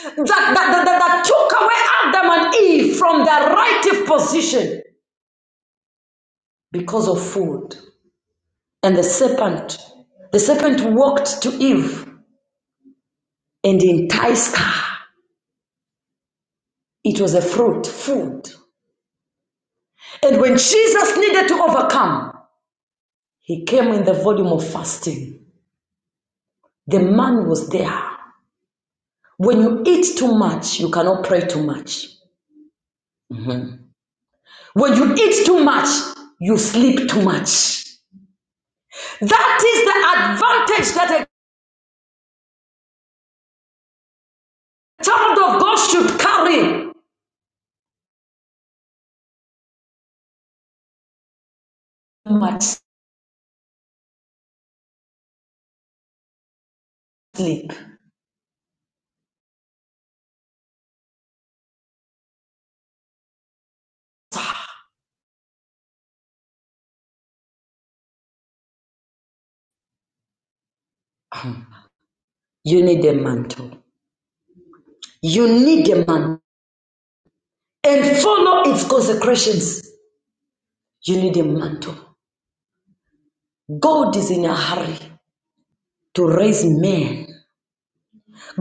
that, that, that, that, that took away Adam and Eve from their rightful position. because of food. And the serpent, the serpent walked to Eve and enticed her. It was a fruit, food. And when Jesus needed to overcome, he came in the volume of fasting. The man was there. When you eat too much, you cannot pray too much. Mhm. When you eat too much, you sleep too much. That is the advantage that a child of God should carry. Too much sleep. You need a mantle. You need a man and follow its consecrations. You need a mantle. God is in a hurry to raise men.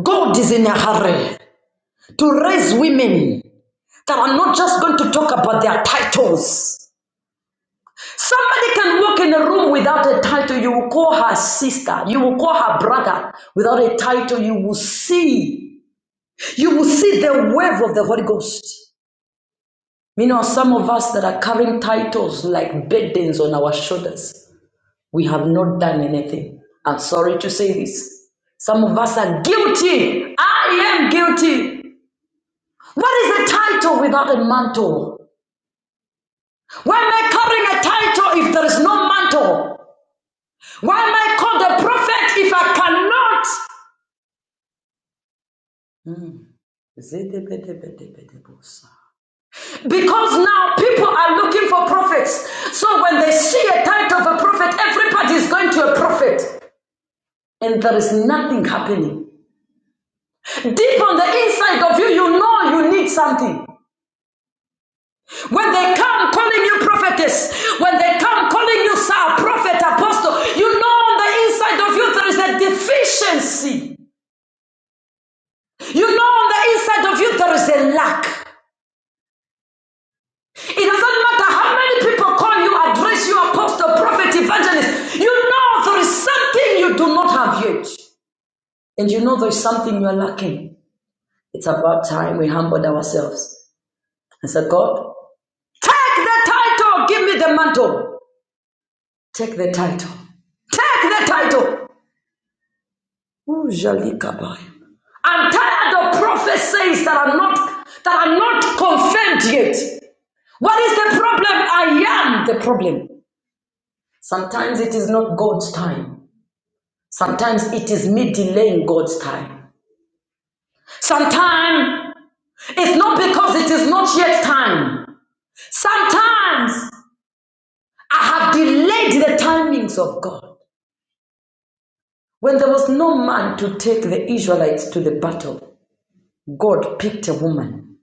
God is in a hurry to raise women that are not just going to talk about their titles. Somebody can walk in a room without a title. You will call her sister. You will call her brother. Without a title, you will see. You will see the wave of the Holy Ghost. You know, some of us that are carrying titles like burdens on our shoulders. We have not done anything. I'm sorry to say this. Some of us are guilty. I am guilty. What is a title without a mantle? Why am I carrying a title if there is no mantle? Why am I called a prophet if I cannot? Mm. Because now people are looking for prophets. So when they see a title of a prophet, everybody is going to a prophet. And there is nothing happening. Deep on the inside of you, you know you need something. When they come calling you prophetess, when they come calling you sir, prophet, apostle, you know on the inside of you there is a deficiency. You know on the inside of you there is a lack. It doesn't matter how many people call you, address you, apostle, prophet, evangelist. You know there is something you do not have yet. And you know there is something you are lacking. It's about time we humbled ourselves and said, God, Take the title. Give me the mantle. Take the title. Take the title. Ooh, Jalikabai. I'm tired of prophecies that are not that are not confirmed yet. What is the problem? I am the problem. Sometimes it is not God's time. Sometimes it is me delaying God's time. Sometimes it's not because it is not yet time. Sometimes I have delayed the timings of God. When there was no man to take the Israelites to the battle, God picked a woman.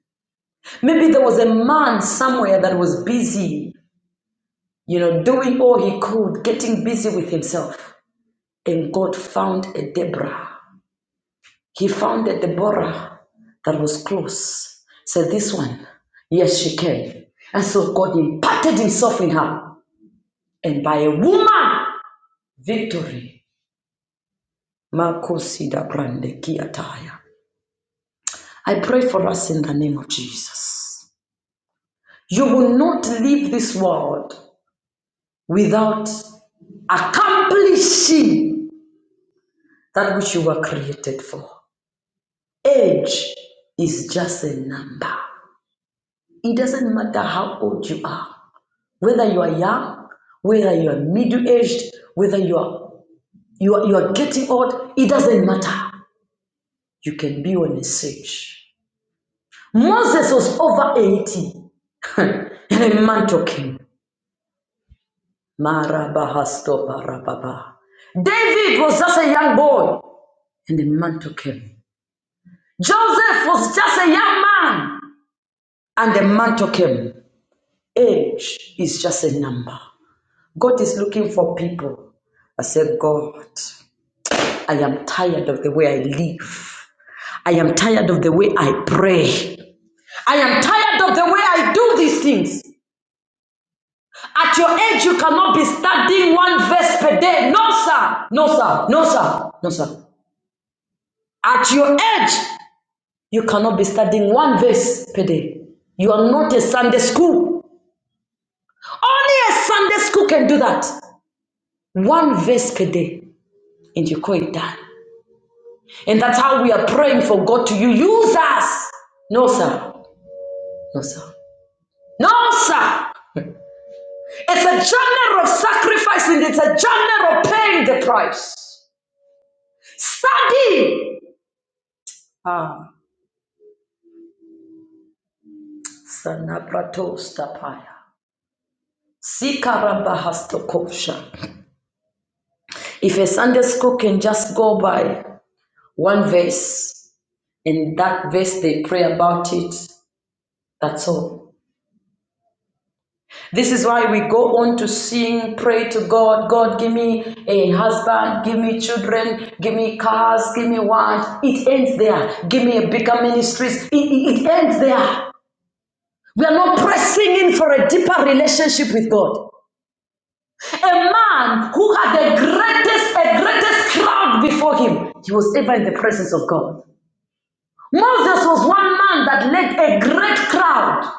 Maybe there was a man somewhere that was busy, you know, doing all he could, getting busy with himself. And God found a Deborah. He found a Deborah that was close. Said, This one, yes, she can. And so God imparted himself in her. And by a woman, victory. Marcos Ida Kiataya. I pray for us in the name of Jesus. You will not leave this world without accomplishing that which you were created for. Age is just a number. It doesn't matter how old you are, whether you are young, whether you are middle aged, whether you are, you are you are getting old, it doesn't matter. You can be on a stage. Moses was over 80 and a man talking. Marabahasto barababa. David was just a young boy, and the man took him. Joseph was just a young man, and the man took him. Age is just a number. God is looking for people. I said, God, I am tired of the way I live. I am tired of the way I pray. I am tired of the way I do these things. At your age, you cannot be studying one verse per day. No, sir. No, sir. No, sir. No, sir. At your age, you cannot be studying one verse per day. You are not a Sunday school. Only a Sunday school can do that. One verse per day, and you call it done. And that's how we are praying for God to use us. No, sir. No, sir. No, sir. It's a journey of sacrifice and it's a journey of paying the price. Study. Ah, Sanabrato Stapaya. Sikarabahastokosha. If a Sunday school can just go by one verse and that verse they pray about it, that's all. This is why we go on to sing, pray to God, God, give me a husband, give me children, give me cars, give me what. It ends there. Give me a bigger ministries. It, it, it ends there. We are not pressing in for a deeper relationship with God. A man who had the greatest, a greatest crowd before him, he was ever in the presence of God. Moses was one man that led a great crowd.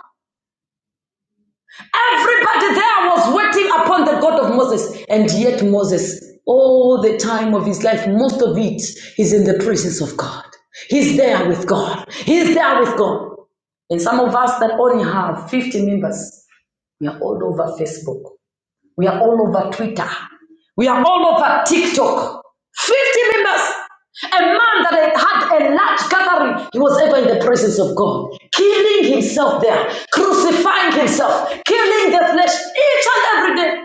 Everybody there was waiting upon the God of Moses. And yet, Moses, all the time of his life, most of it is in the presence of God. He's there with God. He's there with God. And some of us that only have 50 members, we are all over Facebook. We are all over Twitter. We are all over TikTok. 50 members. A man that had a large gathering, he was ever in the presence of God, killing himself there, crucifying himself, killing the flesh each and every day.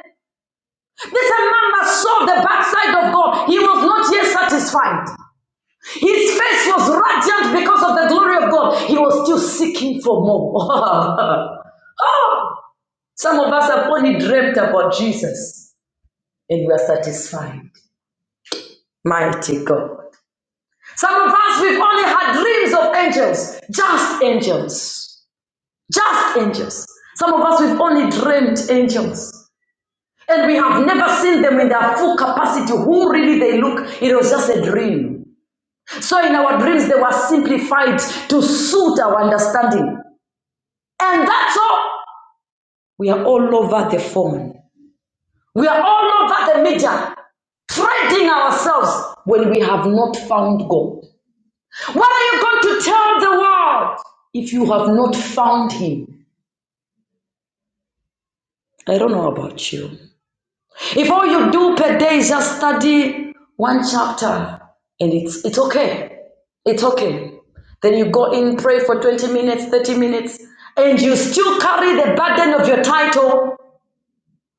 This man that saw the backside of God. He was not yet satisfied. His face was radiant because of the glory of God. He was still seeking for more. Some of us have only dreamt about Jesus and we are satisfied. Mighty God. Some of us, we've only had dreams of angels, just angels, just angels. Some of us, we've only dreamed angels. And we have never seen them in their full capacity, who really they look. It was just a dream. So in our dreams, they were simplified to suit our understanding. And that's all. We are all over the phone. We are all over the media, trading ourselves when we have not found God. What are you going to tell the world if you have not found him? I don't know about you. If all you do per day is just study one chapter and it's it's okay. It's okay. Then you go in, pray for 20 minutes, 30 minutes, and you still carry the burden of your title.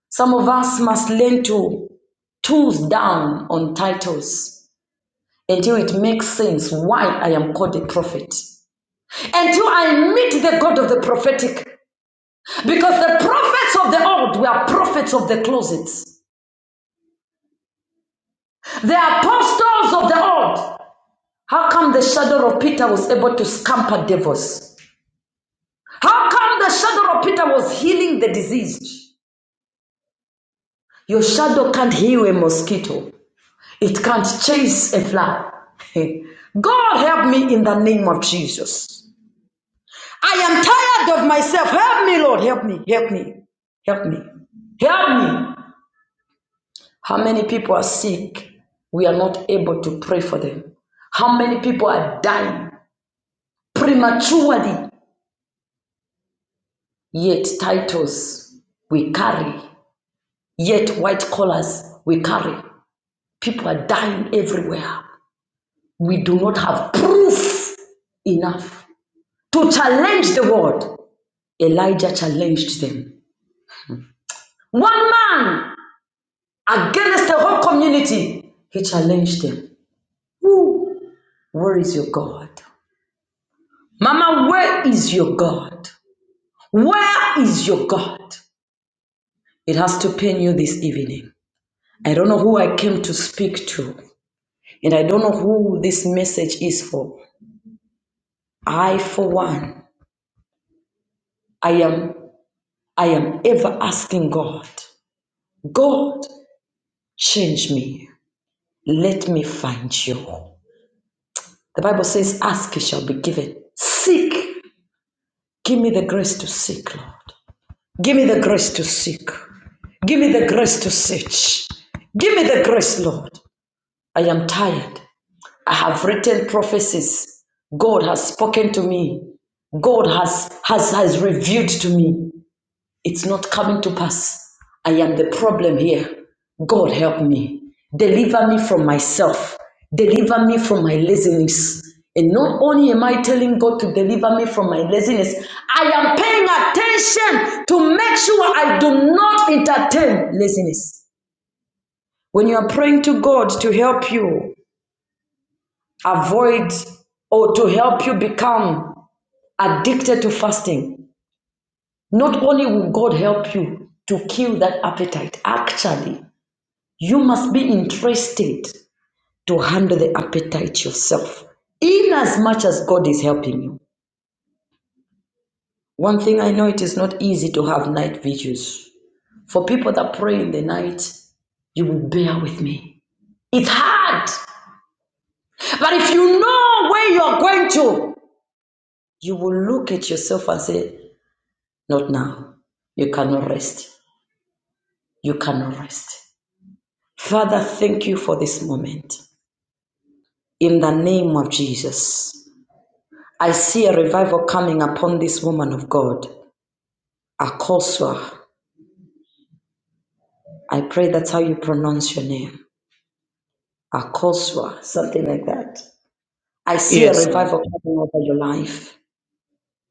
Some of us must learn to tools down on titles until it makes sense why I am called a prophet. Until I meet the God of the prophetic, Because the prophets of the old were prophets of the closets, The apostles of the old. How come the shadow of Peter was able to scamper devils? How come the shadow of Peter was healing the diseased? Your shadow can't heal a mosquito. It can't chase a fly. God help me in the name of Jesus. I am tired of myself. Help me, Lord. Help me. Help me. Help me. Help me. How many people are sick? We are not able to pray for them. How many people are dying prematurely? Yet titles we carry, yet white collars we carry. People are dying everywhere. We do not have proof enough to challenge the world. Elijah challenged them. One man against the whole community, he challenged them. Who? Where is your God? Mama, where is your God? Where is your God? It has to pain you this evening. I don't know who I came to speak to, and I don't know who this message is for. I, for one, I am I am ever asking God, God, change me. Let me find you. The Bible says, Ask, it shall be given. Seek. Give me the grace to seek, Lord. Give me the grace to seek. Give me the grace to search. Give me the grace, Lord. I am tired. I have written prophecies. God has spoken to me. God has, has, has revealed to me. It's not coming to pass. I am the problem here. God help me. Deliver me from myself. Deliver me from my laziness. And not only am I telling God to deliver me from my laziness, I am paying attention to make sure I do not entertain laziness. When you are praying to God to help you, avoid or to help you become addicted to fasting, not only will God help you to kill that appetite, actually, you must be interested to handle the appetite yourself. In as much as God is helping you, one thing I know it is not easy to have night vigils. For people that pray in the night, you will bear with me. It's hard. But if you know where you're going to, you will look at yourself and say, Not now. You cannot rest. You cannot rest. Father, thank you for this moment. In the name of Jesus, I see a revival coming upon this woman of God, Akosua. I pray that's how you pronounce your name, Akosua, something like that. I see a
Yes, man.
revival coming over your life.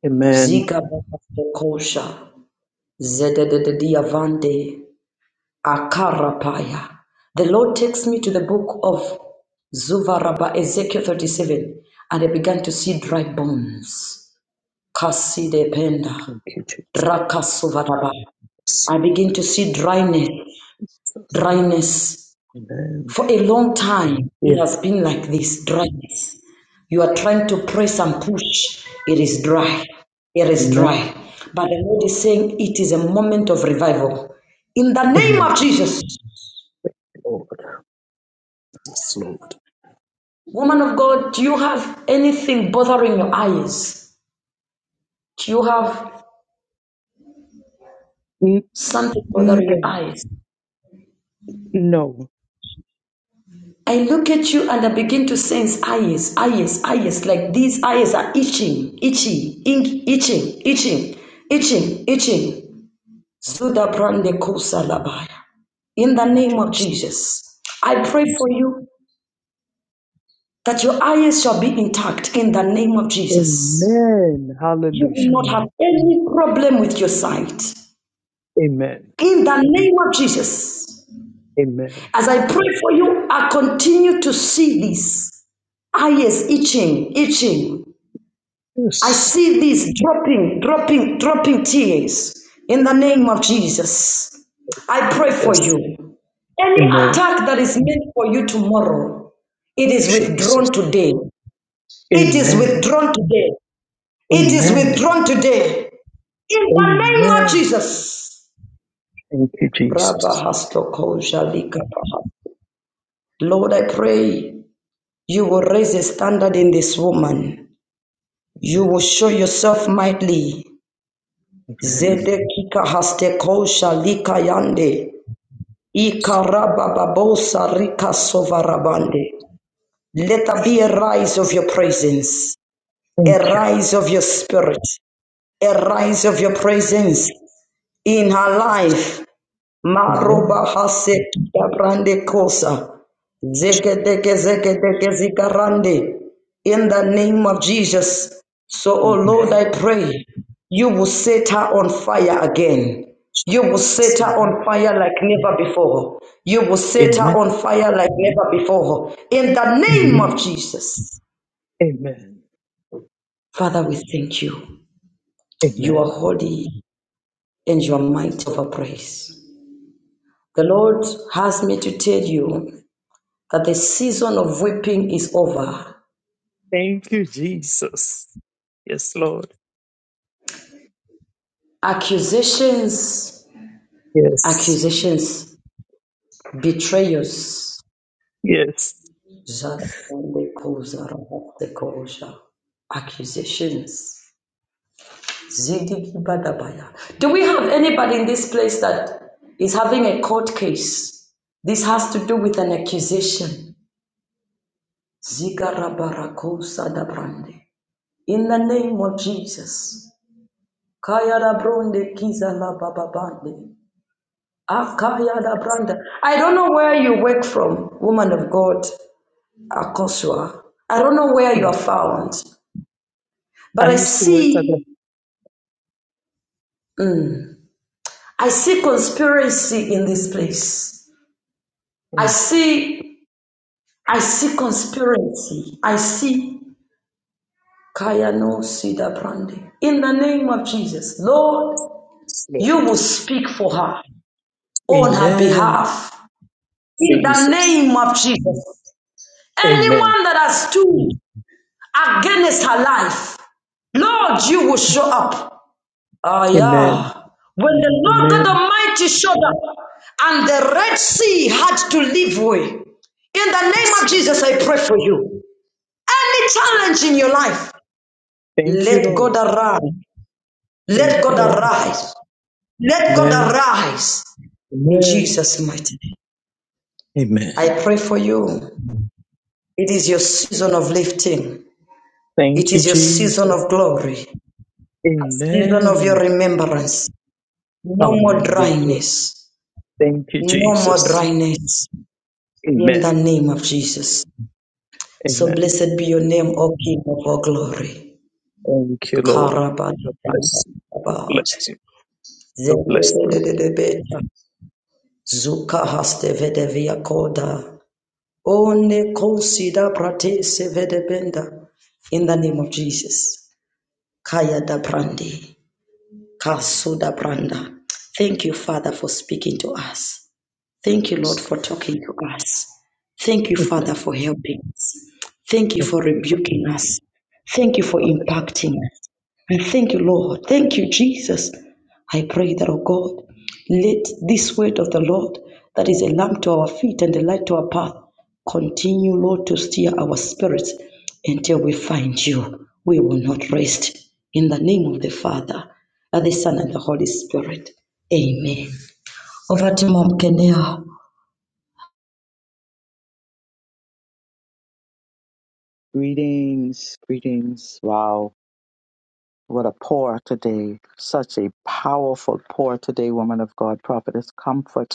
Amen.
Ziga Bakasokosha, Zededediavande, Akarapaya. The Lord takes me to the book of Zuvaraba, Ezekiel 37, and I began to see dry bones. Kaside penda,
Thank you,
rakasuvaraba.
Jesus.
I begin to see dryness, dryness.
Amen.
For a long time, it
Yeah.
has been like this dryness. You are trying to press and push, it is dry. It is
Amen.
dry. But the Lord is saying it is a moment of revival. In the name of
Amen.
Jesus,
Lord. Yes, Lord.
Woman of God, do you have anything bothering your eyes? Do you have
N-
something bothering your
No.
eyes?
No.
I look at you and I begin to sense eyes, eyes, eyes, like these eyes are itching, itchy, ink, itching, itching, itching, itching. In the name of
Jesus.
Jesus, I pray for you that your eyes shall be intact in the name of Jesus.
Amen.
You
Hallelujah.
will not have any problem with your sight.
Amen.
In the name of Jesus.
Amen.
As I pray for you, I continue to see this. Ah, yes, itching, itching. I
Yes.
see this dropping, dropping, dropping tears in the name of Jesus. I pray for
Yes.
you. Any
Amen.
attack that is meant for you tomorrow, it is
Jesus.
withdrawn today. It is
Amen.
withdrawn today. It is
Amen.
withdrawn today. In the name of
Amen.
Jesus.
Thank you,
Rabba
Jesus.
hasto jalika baha. Lord, I pray You will raise a standard in this woman. You
Amen.
will show yourself mightily.
Amen.
Zedekika hastekosha likayande.
Yes, Lord.
Ikarabababosa rika sovarabande. Let there be a rise of your presence,
Thank
a
you, Lord.
rise of your spirit, a rise of your presence in her
Jesus.
life Maroba
Amen.
hase kita brande kosa. Zeke deke zeke deke zikarande. In the name of Jesus. So, oh
Amen.
Lord, I pray you will set her on fire again. You will
Jesus.
set her
Amen.
on fire like never before. You will set her
Amen.
on fire like never before. In the name of
Amen.
Jesus.
Amen.
Father, we thank you. You are
Amen.
holy and you are mighty of our praise. The Lord has me to tell you that the season of weeping is over.
Thank you, Jesus. Yes, Lord.
Accusations,
Yes.
accusations, betrayals.
Yes.
Zandekozarabaktekosha. Accusations. Zidigibadabaya. Do we have anybody in this place that is having a court case? This has to do with an accusation. Zigarabarakozadabrande. In the name of Jesus. Kayarabronde kizalabababande. Akaya da Branda. I don't know where you work from, woman of God, Akosua. I don't know where you
Mm.
are found, but
I
I
used to work at the
see, I see conspiracy in this place. I
Mm.
see, I see conspiracy. I see Kaya no Sida Brande. In the name of Jesus, Lord,
Yes,
you
Lord.
will speak for her on her
Amen.
behalf. In the
Jesus.
name of Jesus,
Amen.
anyone that has stood against her life, Lord, you will show up. Ah,
Amen.
yeah. When the Lord God
Amen.
Almighty showed up and the Red Sea had to leave way. In the name
Yes,
of
Lord.
Jesus, I pray for you. Any challenge in your life,
Thank you,
let God
Lord.
arise. Let
Thank you, Lord. Thank you,
God
Lord.
arise. Let God
Amen.
arise. In
Amen.
Jesus' mighty name. I
Amen.
pray for you. It is your season of lifting. It
Thank you,
is your season
Jesus.
of glory. A season of
Amen.
your remembrance. No more
Hallelujah.
dryness.
Thank you,
No more
Jesus.
dryness in the
Amen.
name of Jesus. So
Amen.
blessed be your name, O King of all glory.
Thank you, Lord.
Karababa.
God bless you. Bless you. God bless you.
Zedebedebedebeta. Zuka haste vedevia koda. One konsida prate sevedebenda. In the name of Jesus. Kaya da brandi. Kasuda branda. Thank you, Father, for speaking to us. Thank you, Lord, for talking to us. Thank you, Father,
Amen.
for helping us. Thank you
Thank
for
you,
rebuking us. Thank you for
Lord.
impacting us. And thank you, Lord. Thank you, Jesus. I pray that, oh God, let this word of the Lord, that is a lamp to our feet and a light to our path, continue, Lord, to steer our spirits until we find you. We will not rest. In the name of the Father, and the Son, and the Holy Spirit. Amen. Over to Mom Kenya.
Greetings, greetings. Wow, what a pour today. Such a powerful pour today, woman of God, prophetess comfort.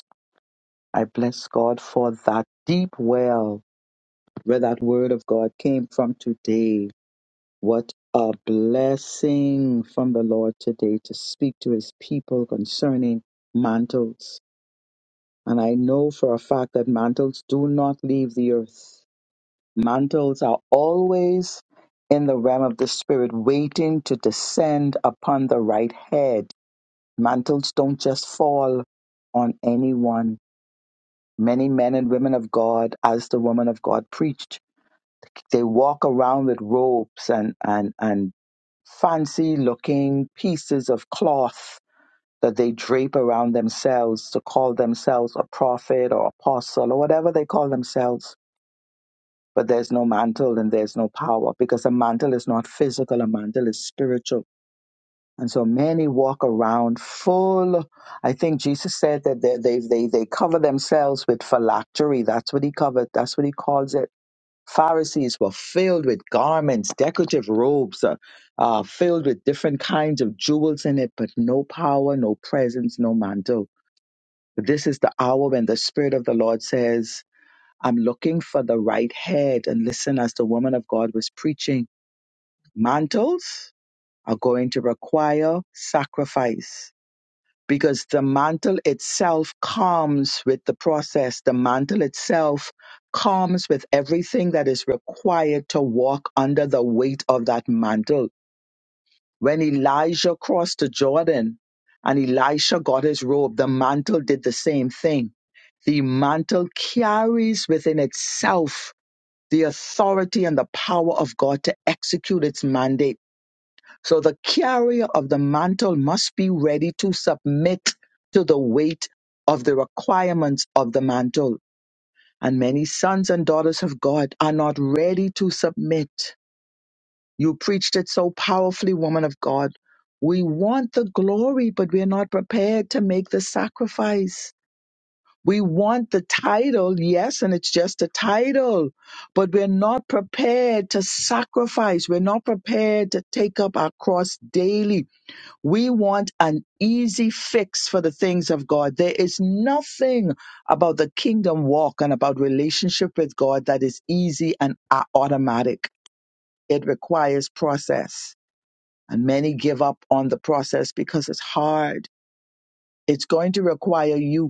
I bless God for that deep well where that word of God came from today. What a blessing from the Lord today to speak to his people concerning mantles. And I know for a fact that mantles do not leave the earth Mantles are always in the realm of the spirit, waiting to descend upon the right head. Mantles don't just fall on anyone. Many men and women of God, as the woman of God preached, they walk around with robes and, and, and fancy looking pieces of cloth that they drape around themselves to call themselves a prophet or apostle or whatever they call themselves but there's no mantle and there's no power because a mantle is not physical, a mantle is spiritual. And so many walk around full. I think Jesus said that they, they, they, they cover themselves with phylactery. That's what he covered, that's what he calls it. Pharisees were filled with garments, decorative robes, uh, uh, filled with different kinds of jewels in it, but no power, no presence, no mantle. But this is the hour when the Spirit of the Lord says, I'm looking for the right head. And listen, as the woman of God was preaching, mantles are going to require sacrifice because the mantle itself comes with the process. The mantle itself comes with everything that is required to walk under the weight of that mantle. When Elijah crossed the Jordan and Elisha got his robe, the mantle did the same thing. The mantle carries within itself the authority and the power of God to execute its mandate. So the carrier of the mantle must be ready to submit to the weight of the requirements of the mantle. And many sons and daughters of God are not ready to submit. You preached it so powerfully, woman of God. We want the glory, but we're not prepared to make the sacrifice. We want the title, yes, and it's just a title, but we're not prepared to sacrifice. We're not prepared to take up our cross daily. We want an easy fix for the things of God. There is nothing about the kingdom walk and about relationship with God that is easy and a- automatic. It requires process. And many give up on the process because it's hard. It's going to require you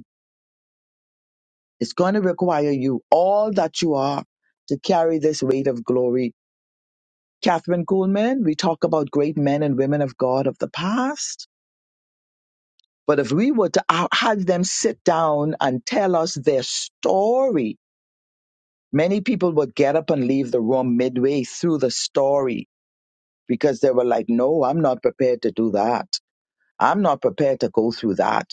It's going to require you, all that you are, to carry this weight of glory. Catherine Kuhlman, we talk about great men and women of God of the past, but if we were to ha- have them sit down and tell us their story, many people would get up and leave the room midway through the story because they were like, no, I'm not prepared to do that. I'm not prepared to go through that.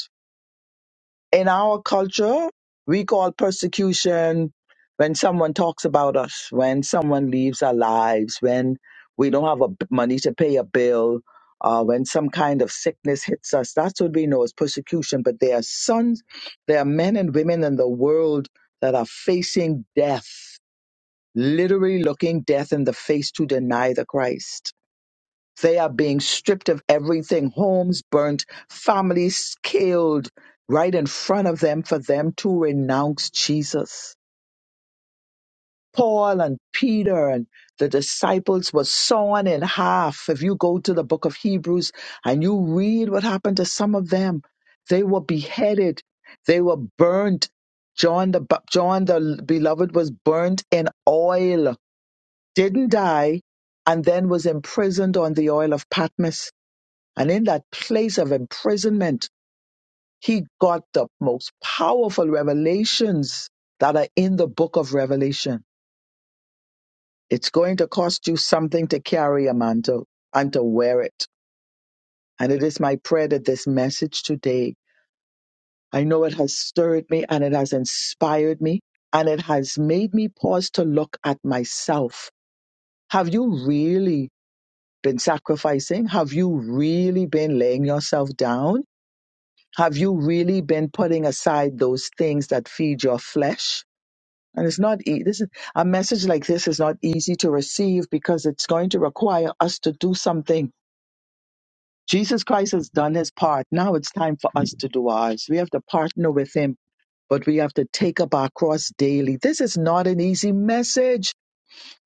in our culture, we call persecution when someone talks about us, when someone leaves our lives, when we don't have a, money to pay a bill, uh, when some kind of sickness hits us. That's what we know as persecution. But there are sons, there are men and women in the world that are facing death, literally looking death in the face to deny the Christ they are being stripped of everything homes burnt, families killed right in front of them for them to renounce Jesus. Paul and Peter and the disciples were sawn in half. If you go to the book of Hebrews and you read what happened to some of them, they were beheaded, they were burnt. John the Bap- John the beloved was burnt in oil, didn't die, and then was imprisoned on the oil of Patmos and in that place of imprisonment, he got the most powerful revelations that are in the book of Revelation. It's going to cost you something to carry a mantle and to wear it. And it is my prayer that this message today, I know it has stirred me and it has inspired me and it has made me pause to look at myself. Have you really been sacrificing? Have you really been laying yourself down? Have you really been putting aside those things that feed your flesh? And it's not e- this is a message like this is not easy to receive because it's going to require us to do something. Jesus Christ has done his part. Now it's time for us to do ours. We have to partner with him, but we have to take up our cross daily. This is not an easy message.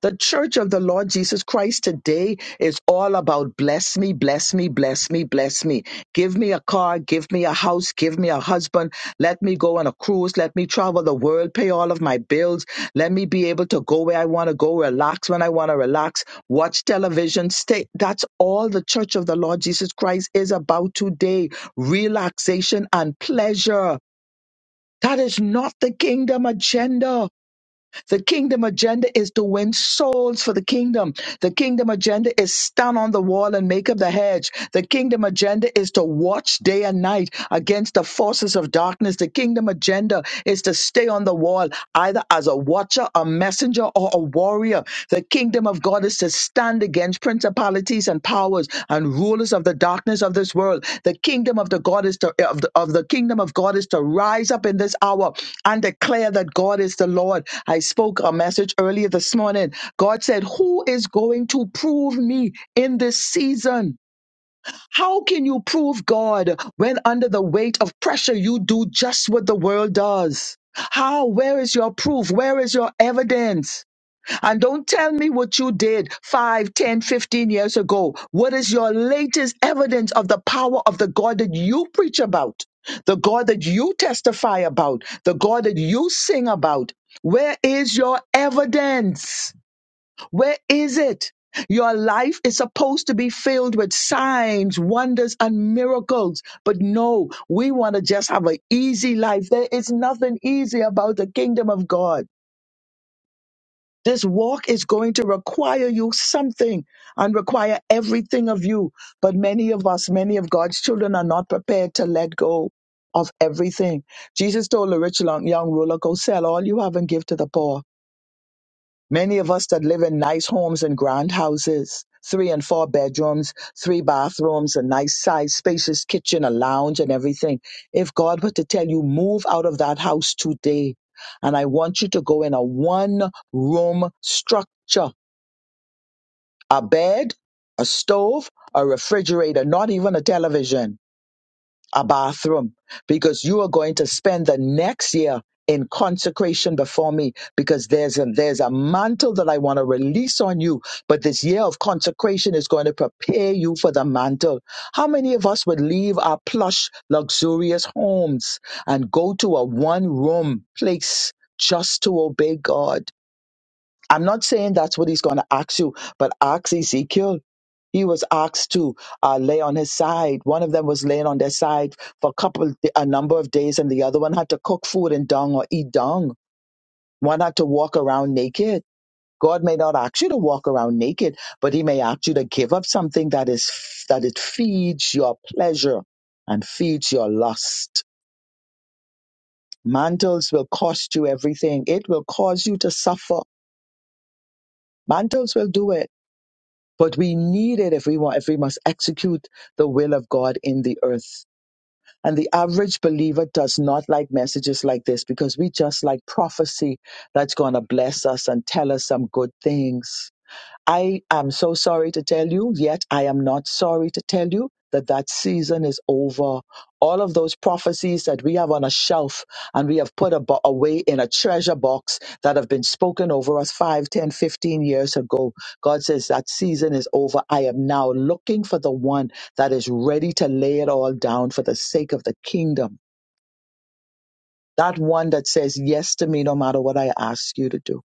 The Church of the Lord Jesus Christ today is all about bless me, bless me, bless me, bless me. Give me a car, give me a house, give me a husband. Let me go on a cruise. Let me travel the world, pay all of my bills. Let me be able to go where I want to go, relax when I want to relax, watch television, stay. That's all the Church of the Lord Jesus Christ is about today relaxation and pleasure. That is not the kingdom agenda. The kingdom agenda is to win souls for the kingdom. The kingdom agenda is stand on the wall and make up the hedge. The kingdom agenda is to watch day and night against the forces of darkness. The kingdom agenda is to stay on the wall either as a watcher, a messenger, or a warrior. The kingdom of God us to stand against principalities and powers and rulers of the darkness of this world. The kingdom of the God is to of the, of the kingdom of God is to rise up in this hour and declare that God is the Lord. I spoke a message earlier this morning. God said, "Who is going to prove me in this season?" How can you prove God when under the weight of pressure you do just what the world does? How? Where is your proof? Where is your evidence? And don't tell me what you did 5, 10, fifteen years ago. What is your latest evidence of the power of the God that you preach about, the God that you testify about, the God that you sing about? Where is your evidence? Where is it? Your life is supposed to be filled with signs, wonders, and miracles. But no, we want to just have an easy life. There is nothing easy about the kingdom of God. This walk is going to require you something and require everything of you. But many of us, many of God's children are not prepared to let go of everything. Jesus told the rich lo- young ruler, Go sell all you have and give to the poor Many of us that live in nice homes and grand houses, three and four bedrooms, three bathrooms, a nice size, spacious kitchen, a lounge, and everything. If God were to tell you, move out of that house today, and I want you to go in a one room structure, a bed, a stove, a refrigerator, not even a television a bathroom because you are going to spend the next year in consecration before me because there's a there's a mantle that I want to release on you but this year of consecration is going to prepare you for the mantle how many of us would leave our plush luxurious homes and go to a one room place just to obey God I'm not saying that's what he's going to ask you but ask Ezekiel he was asked to uh, lay on his side. One of them was laying on their side for a couple, a number of days, and the other one had to cook food in dung or eat dung. One had to walk around naked. God may not ask you to walk around naked, but He may ask you to give up something that is that it feeds your pleasure and feeds your lust. Mantles will cost you everything. It will cause you to suffer. Mantles will do it, but we need it if we want. If we must execute the will of God in the earth. And the average believer does not like messages like this because we just like prophecy that's going to bless us and tell us some good things. I am so sorry to tell you, yet I am not sorry to tell you that that season is over. All of those prophecies that we have on a shelf and we have put abo- away in a treasure box that have been spoken over us 5, 10, 15 years ago, God says that season is over. I am now looking for the one that is ready to lay it all down for the sake of the kingdom. That one that says yes to me no matter what I ask you to do.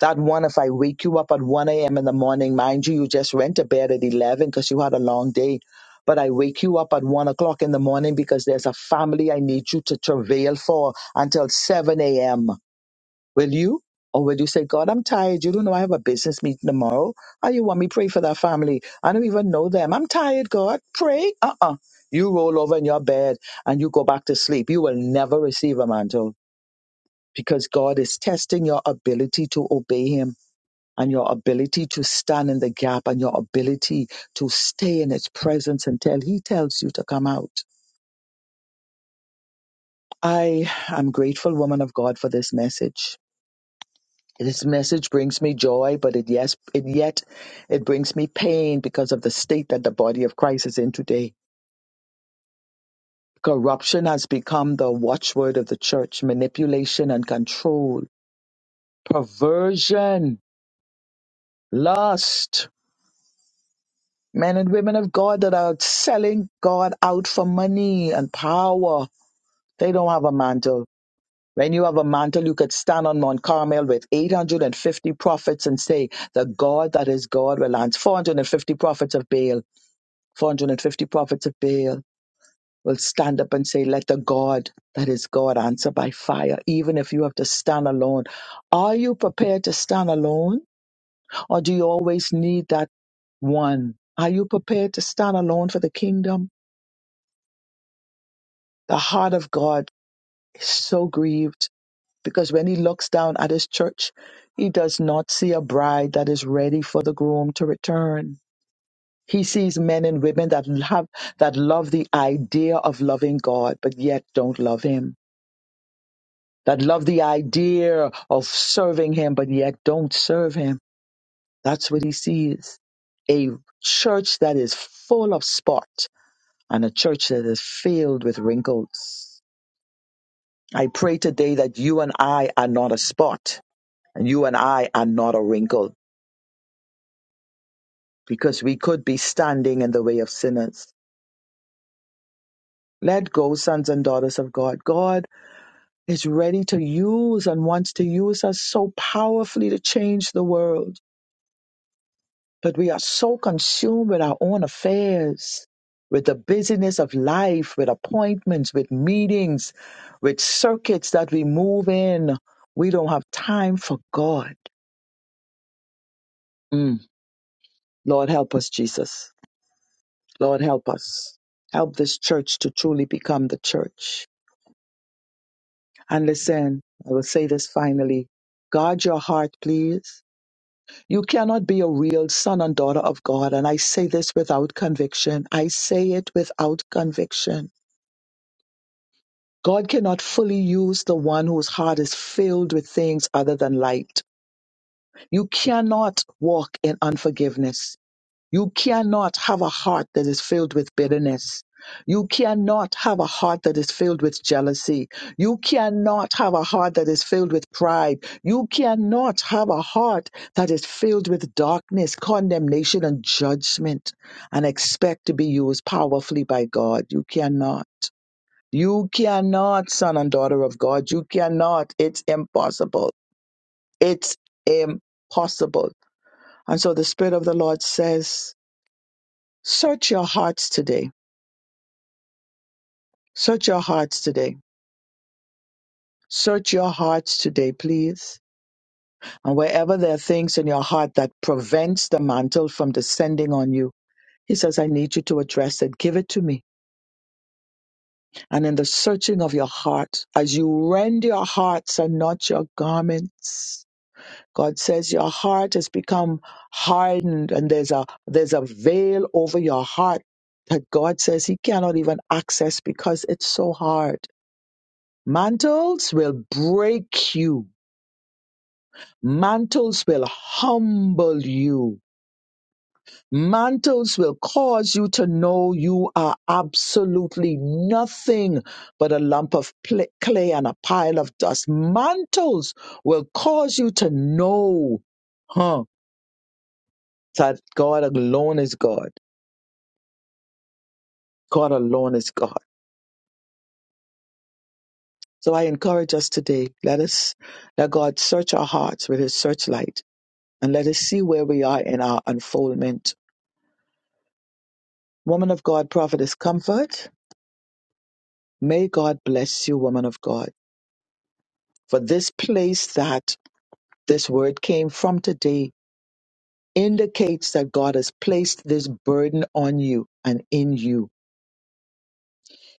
That one, if I wake you up at 1 a.m. in the morning, mind you, you just went to bed at 11 because you had a long day. But I wake you up at 1 o'clock in the morning because there's a family I need you to travail for until 7 a.m. Will you? Or will you say, God, I'm tired. You don't know I have a business meeting tomorrow. Oh, you want me to pray for that family? I don't even know them. I'm tired, God. Pray. Uh-uh. You roll over in your bed and you go back to sleep. You will never receive a mantle because God is testing your ability to obey Him and your ability to stand in the gap and your ability to stay in His presence until He tells you to come out. I am grateful, woman of God, for this message. This message brings me joy, but it yes, it yet it brings me pain because of the state that the body of Christ is in today. Corruption has become the watchword of the church, manipulation and control, perversion, lust, men and women of God that are selling God out for money and power. They don't have a mantle. When you have a mantle, you could stand on Mount Carmel with 850 prophets and say, The God that is God will answer. 450 prophets of Baal, 450 prophets of Baal will stand up and say, Let the God that is God answer by fire, even if you have to stand alone. Are you prepared to stand alone, or do you always need that one? Are you prepared to stand alone for the kingdom? The heart of God is so grieved because when he looks down at his church, he does not see a bride that is ready for the groom to return. He sees men and women that love, that love the idea of loving God, but yet don't love him. That love the idea of serving him, but yet don't serve him. That's what he sees. A church that is full of spot and a church that is filled with wrinkles. I pray today that you and I are not a spot and you and I are not a wrinkle because we could be standing in the way of sinners. Let go, sons and daughters of God. God is ready to use and wants to use us so powerfully to change the world. But we are so consumed with our own affairs, with the busyness of life, with appointments, with meetings, with circuits that we move in. We don't have time for God. Mm. Lord, help us, Jesus. Lord, help us. Help this church to truly become the church. And listen, I will say this finally. Guard your heart, please. You cannot be a real son and daughter of God. And I say this without conviction. I say it without conviction. God cannot fully use the one whose heart is filled with things other than light. You cannot walk in unforgiveness. You cannot have a heart that is filled with bitterness. You cannot have a heart that is filled with jealousy. You cannot have a heart that is filled with pride. You cannot have a heart that is filled with darkness, condemnation, and judgment and expect to be used powerfully by God. You cannot. You cannot, son and daughter of God. You cannot. It's impossible. It's impossible. And so the Spirit of the Lord says, Search your hearts today. Search your hearts today. Search your hearts today, please. And wherever there are things in your heart that prevents the mantle from descending on you, he says, I need you to address it. Give it to me. And in the searching of your heart, as you rend your hearts and not your garments, God says your heart has become hardened and there's a, there's a veil over your heart that God says he cannot even access because it's so hard. Mantles will break you. Mantles will humble you. Mantles will cause you to know you are absolutely nothing but a lump of pl- clay and a pile of dust. Mantles will cause you to know, huh, that God alone is God. God alone is God. So I encourage us today, let us, let God search our hearts with his searchlight and let us see where we are in our unfoldment Woman of God, prophetess comfort. May God bless you, woman of God. For this place that this word came from today indicates that God has placed this burden on you and in you.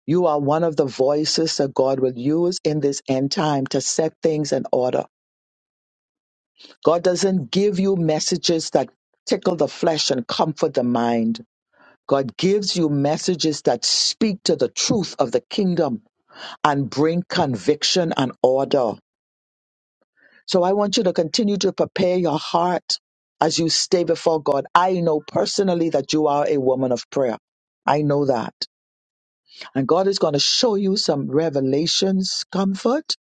You are one of the voices that God will use in this end time to set things in order. God doesn't give you messages that tickle the flesh and comfort the mind. God gives you messages that speak to the truth of the kingdom and bring conviction and order. So I want you to continue to prepare your heart as you stay before God. I know personally that you are a woman of prayer. I know that. And God is going to show you some revelations, comfort.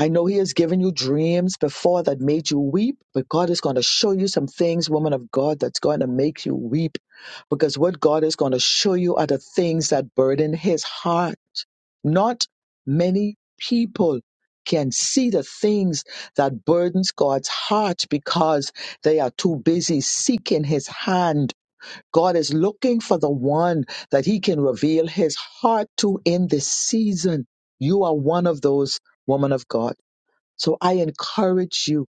I know He has given you dreams before that made you weep, but God is going to show you some things, woman of God, that's going to make you weep. Because what God is going to show you are the things that burden His heart not many people can see the things that burdens God's heart because they are too busy seeking his hand. God is looking for the one that he can reveal his heart to in this season. You are one of those woman of God. So I encourage you,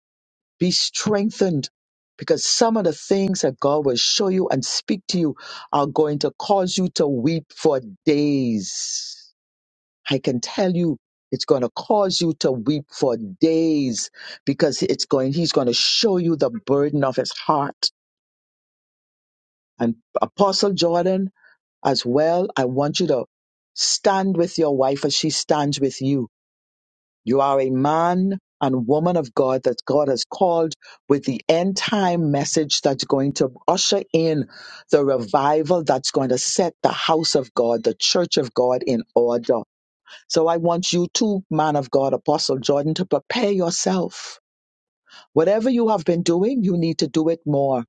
be strengthened because some of the things that God will show you and speak to you are going to cause you to weep for days I can tell you it's going to cause you to weep for days because it's going he's going to show you the burden of his heart and apostle Jordan as well I want you to stand with your wife as she stands with you you are a man and woman of God that God has called with the end time message that's going to usher in the revival that's going to set the house of God, the church of God in order. So I want you too, man of God, Apostle Jordan, to prepare yourself. Whatever you have been doing, you need to do it more.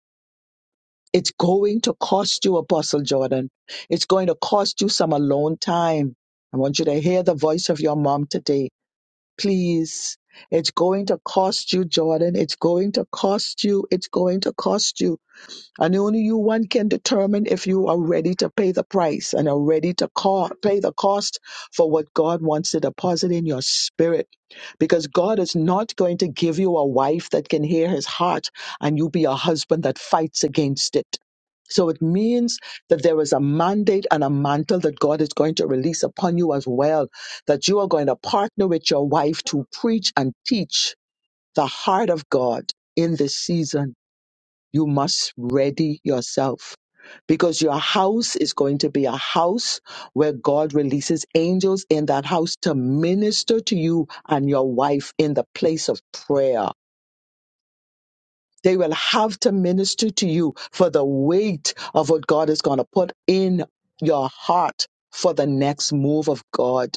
It's going to cost you, Apostle Jordan. It's going to cost you some alone time. I want you to hear the voice of your mom today. Please. It's going to cost you, Jordan. It's going to cost you. It's going to cost you. And only you one can determine if you are ready to pay the price and are ready to co- pay the cost for what God wants to deposit in your spirit. Because God is not going to give you a wife that can hear his heart and you be a husband that fights against it. So it means that there is a mandate and a mantle that God is going to release upon you as well, that you are going to partner with your wife to preach and teach the heart of God in this season you must ready yourself because your house is going to be a house where God releases angels in that house to minister to you and your wife in the place of prayer. They will have to minister to you for the weight of what God is going to put in your heart for the next move of God.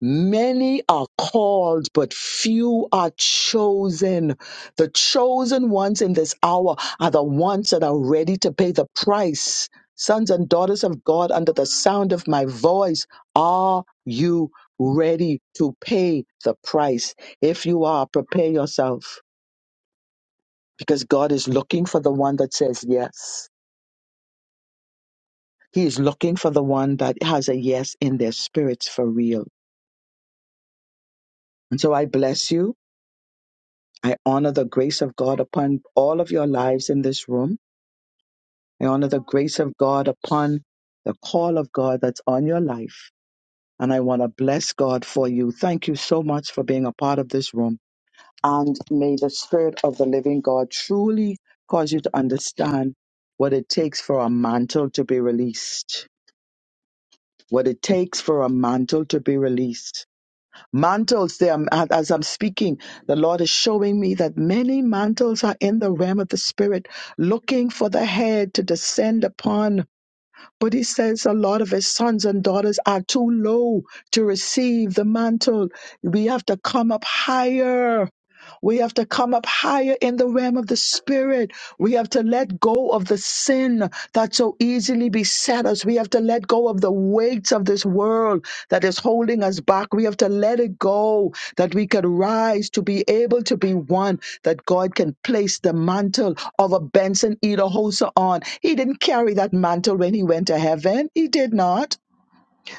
Many are called, but few are chosen. The chosen ones in this hour are the ones that are ready to pay the price. Sons and daughters of God, under the sound of my voice, are you ready to pay the price? If you are, prepare yourself because God is looking for the one that says yes. He is looking for the one that has a yes in their spirits for real. And so I bless you. I honor the grace of God upon all of your lives in this room. I honor the grace of God upon the call of God that's on your life. And I want to bless God for you. Thank you so much for being a part of this room. And may the Spirit of the living God truly cause you to understand what it takes for a mantle to be released. What it takes for a mantle to be released Mantles, there, as I'm speaking, the Lord is showing me that many mantles are in the realm of the Spirit, looking for the head to descend upon. But he says a lot of his sons and daughters are too low to receive the mantle. We have to come up higher. We have to come up higher in the realm of the spirit. We have to let go of the sin that so easily beset us. We have to let go of the weights of this world that is holding us back. We have to let it go that we can rise to be able to be one that God can place the mantle of a Benson Edahosa on. He didn't carry that mantle when he went to heaven. He did not.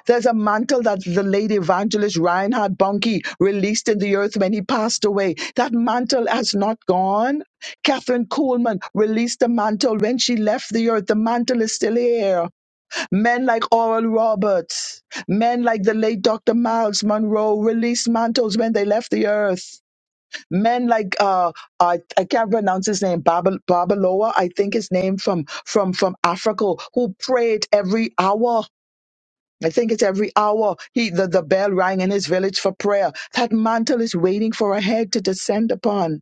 There's a mantle that the late evangelist Reinhard Bonnke released in the earth when he passed away. That mantle has not gone. Catherine Kuhlman released the mantle when she left the earth. The mantle is still here. Men like Oral Roberts, men like the late Dr. Miles Monroe released mantles when they left the earth. Men like uh, I, I can't pronounce his name, Babaloa, I think his name from from from Africa, who prayed every hour I think it's every hour he the, the bell rang in his village for prayer. That mantle is waiting for a head to descend upon.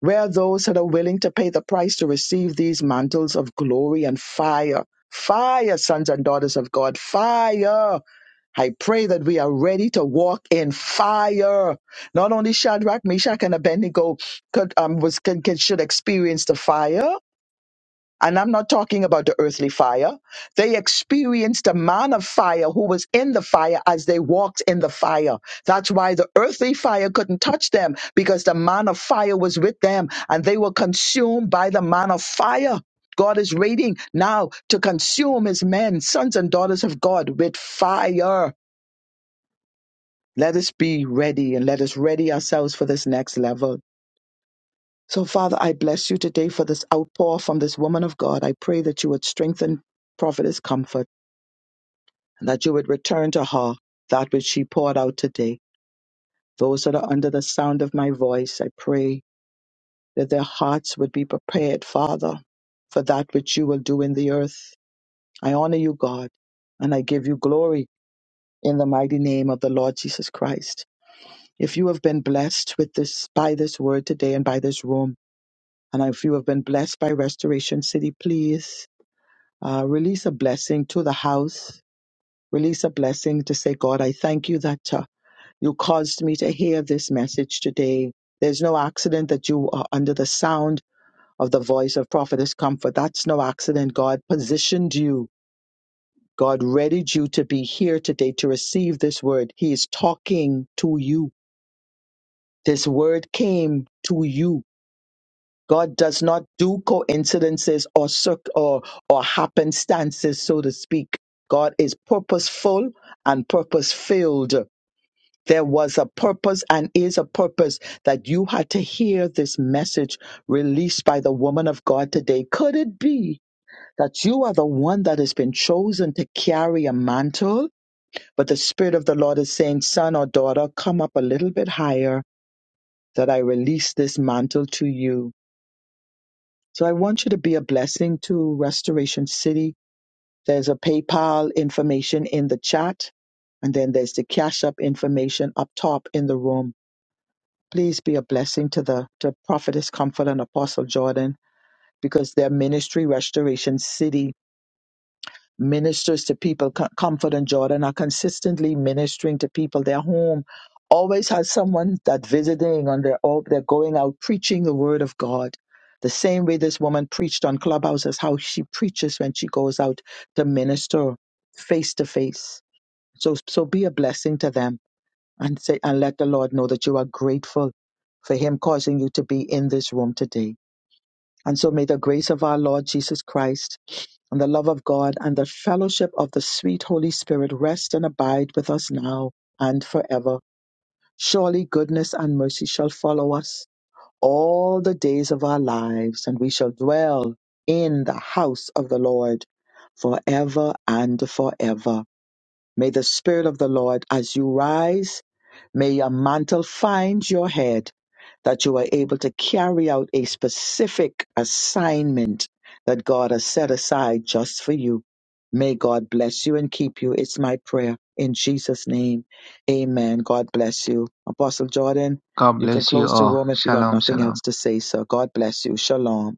Where are those that are willing to pay the price to receive these mantles of glory and fire? Fire, sons and daughters of God, fire. I pray that we are ready to walk in fire. Not only Shadrach, Meshach, and Abednego could, um, was, could, could- should experience the fire, and I'm not talking about the earthly fire. They experienced a man of fire who was in the fire as they walked in the fire. That's why the earthly fire couldn't touch them because the man of fire was with them and they were consumed by the man of fire. God is waiting now to consume his men, sons and daughters of God, with fire. Let us be ready and let us ready ourselves for this next level so, Father, I bless you today for this outpour from this woman of God. I pray that you would strengthen Prophetess Comfort and that you would return to her that which she poured out today. Those that are under the sound of my voice, I pray that their hearts would be prepared, Father, for that which you will do in the earth. I honor you, God, and I give you glory in the mighty name of the Lord Jesus Christ. If you have been blessed with this by this word today and by this room, and if you have been blessed by Restoration City, please Uh, release a blessing to the house. Release a blessing to say, God, I thank you that uh, you caused me to hear this message today. There's no accident that you are under the sound of the voice of prophetess comfort. That's no accident. God positioned you. God readied you to be here today to receive this word. He is talking to you. This word came to you God does not do coincidences or circ- or or happenstances, so to speak. God is purposeful and purpose filled. There was a purpose and is a purpose that you had to hear this message released by the woman of God today. Could it be that you are the one that has been chosen to carry a mantle? But the Spirit of the Lord is saying, Son or daughter, come up a little bit higher that I release this mantle to you. So I want you to be a blessing to Restoration City. There's a PayPal information in the chat, and then there's the Cash App information up top in the room. Please be a blessing to the to Prophetess Comfort and Apostle Jordan because their ministry, Restoration City, ministers to people. Co- Comfort and Jordan are consistently ministering to people. Their home always has someone that visiting on their all they're going out preaching the word of God. The same way this woman preached on Clubhouse is how she preaches when she goes out to minister face to face. So so be a blessing to them and say and let the Lord know that you are grateful for him causing you to be in this room today. And so may the grace of our Lord Jesus Christ and the love of God and the fellowship of the sweet Holy Spirit rest and abide with us now and forever. Surely goodness and mercy shall follow us all the days of our lives, and we shall dwell in the house of the Lord forever and forever. May the Spirit of the Lord, as you rise, may a mantle find your head that you are able to carry out a specific assignment that God has set aside just for you. May God bless you and keep you. It's my prayer in Jesus' name. Amen. God bless you. Apostle Jordan,
God
you
bless
can
you
close the
all.
room if you have
Shalom,
nothing
shalom.
else to say, sir. God bless you. Shalom.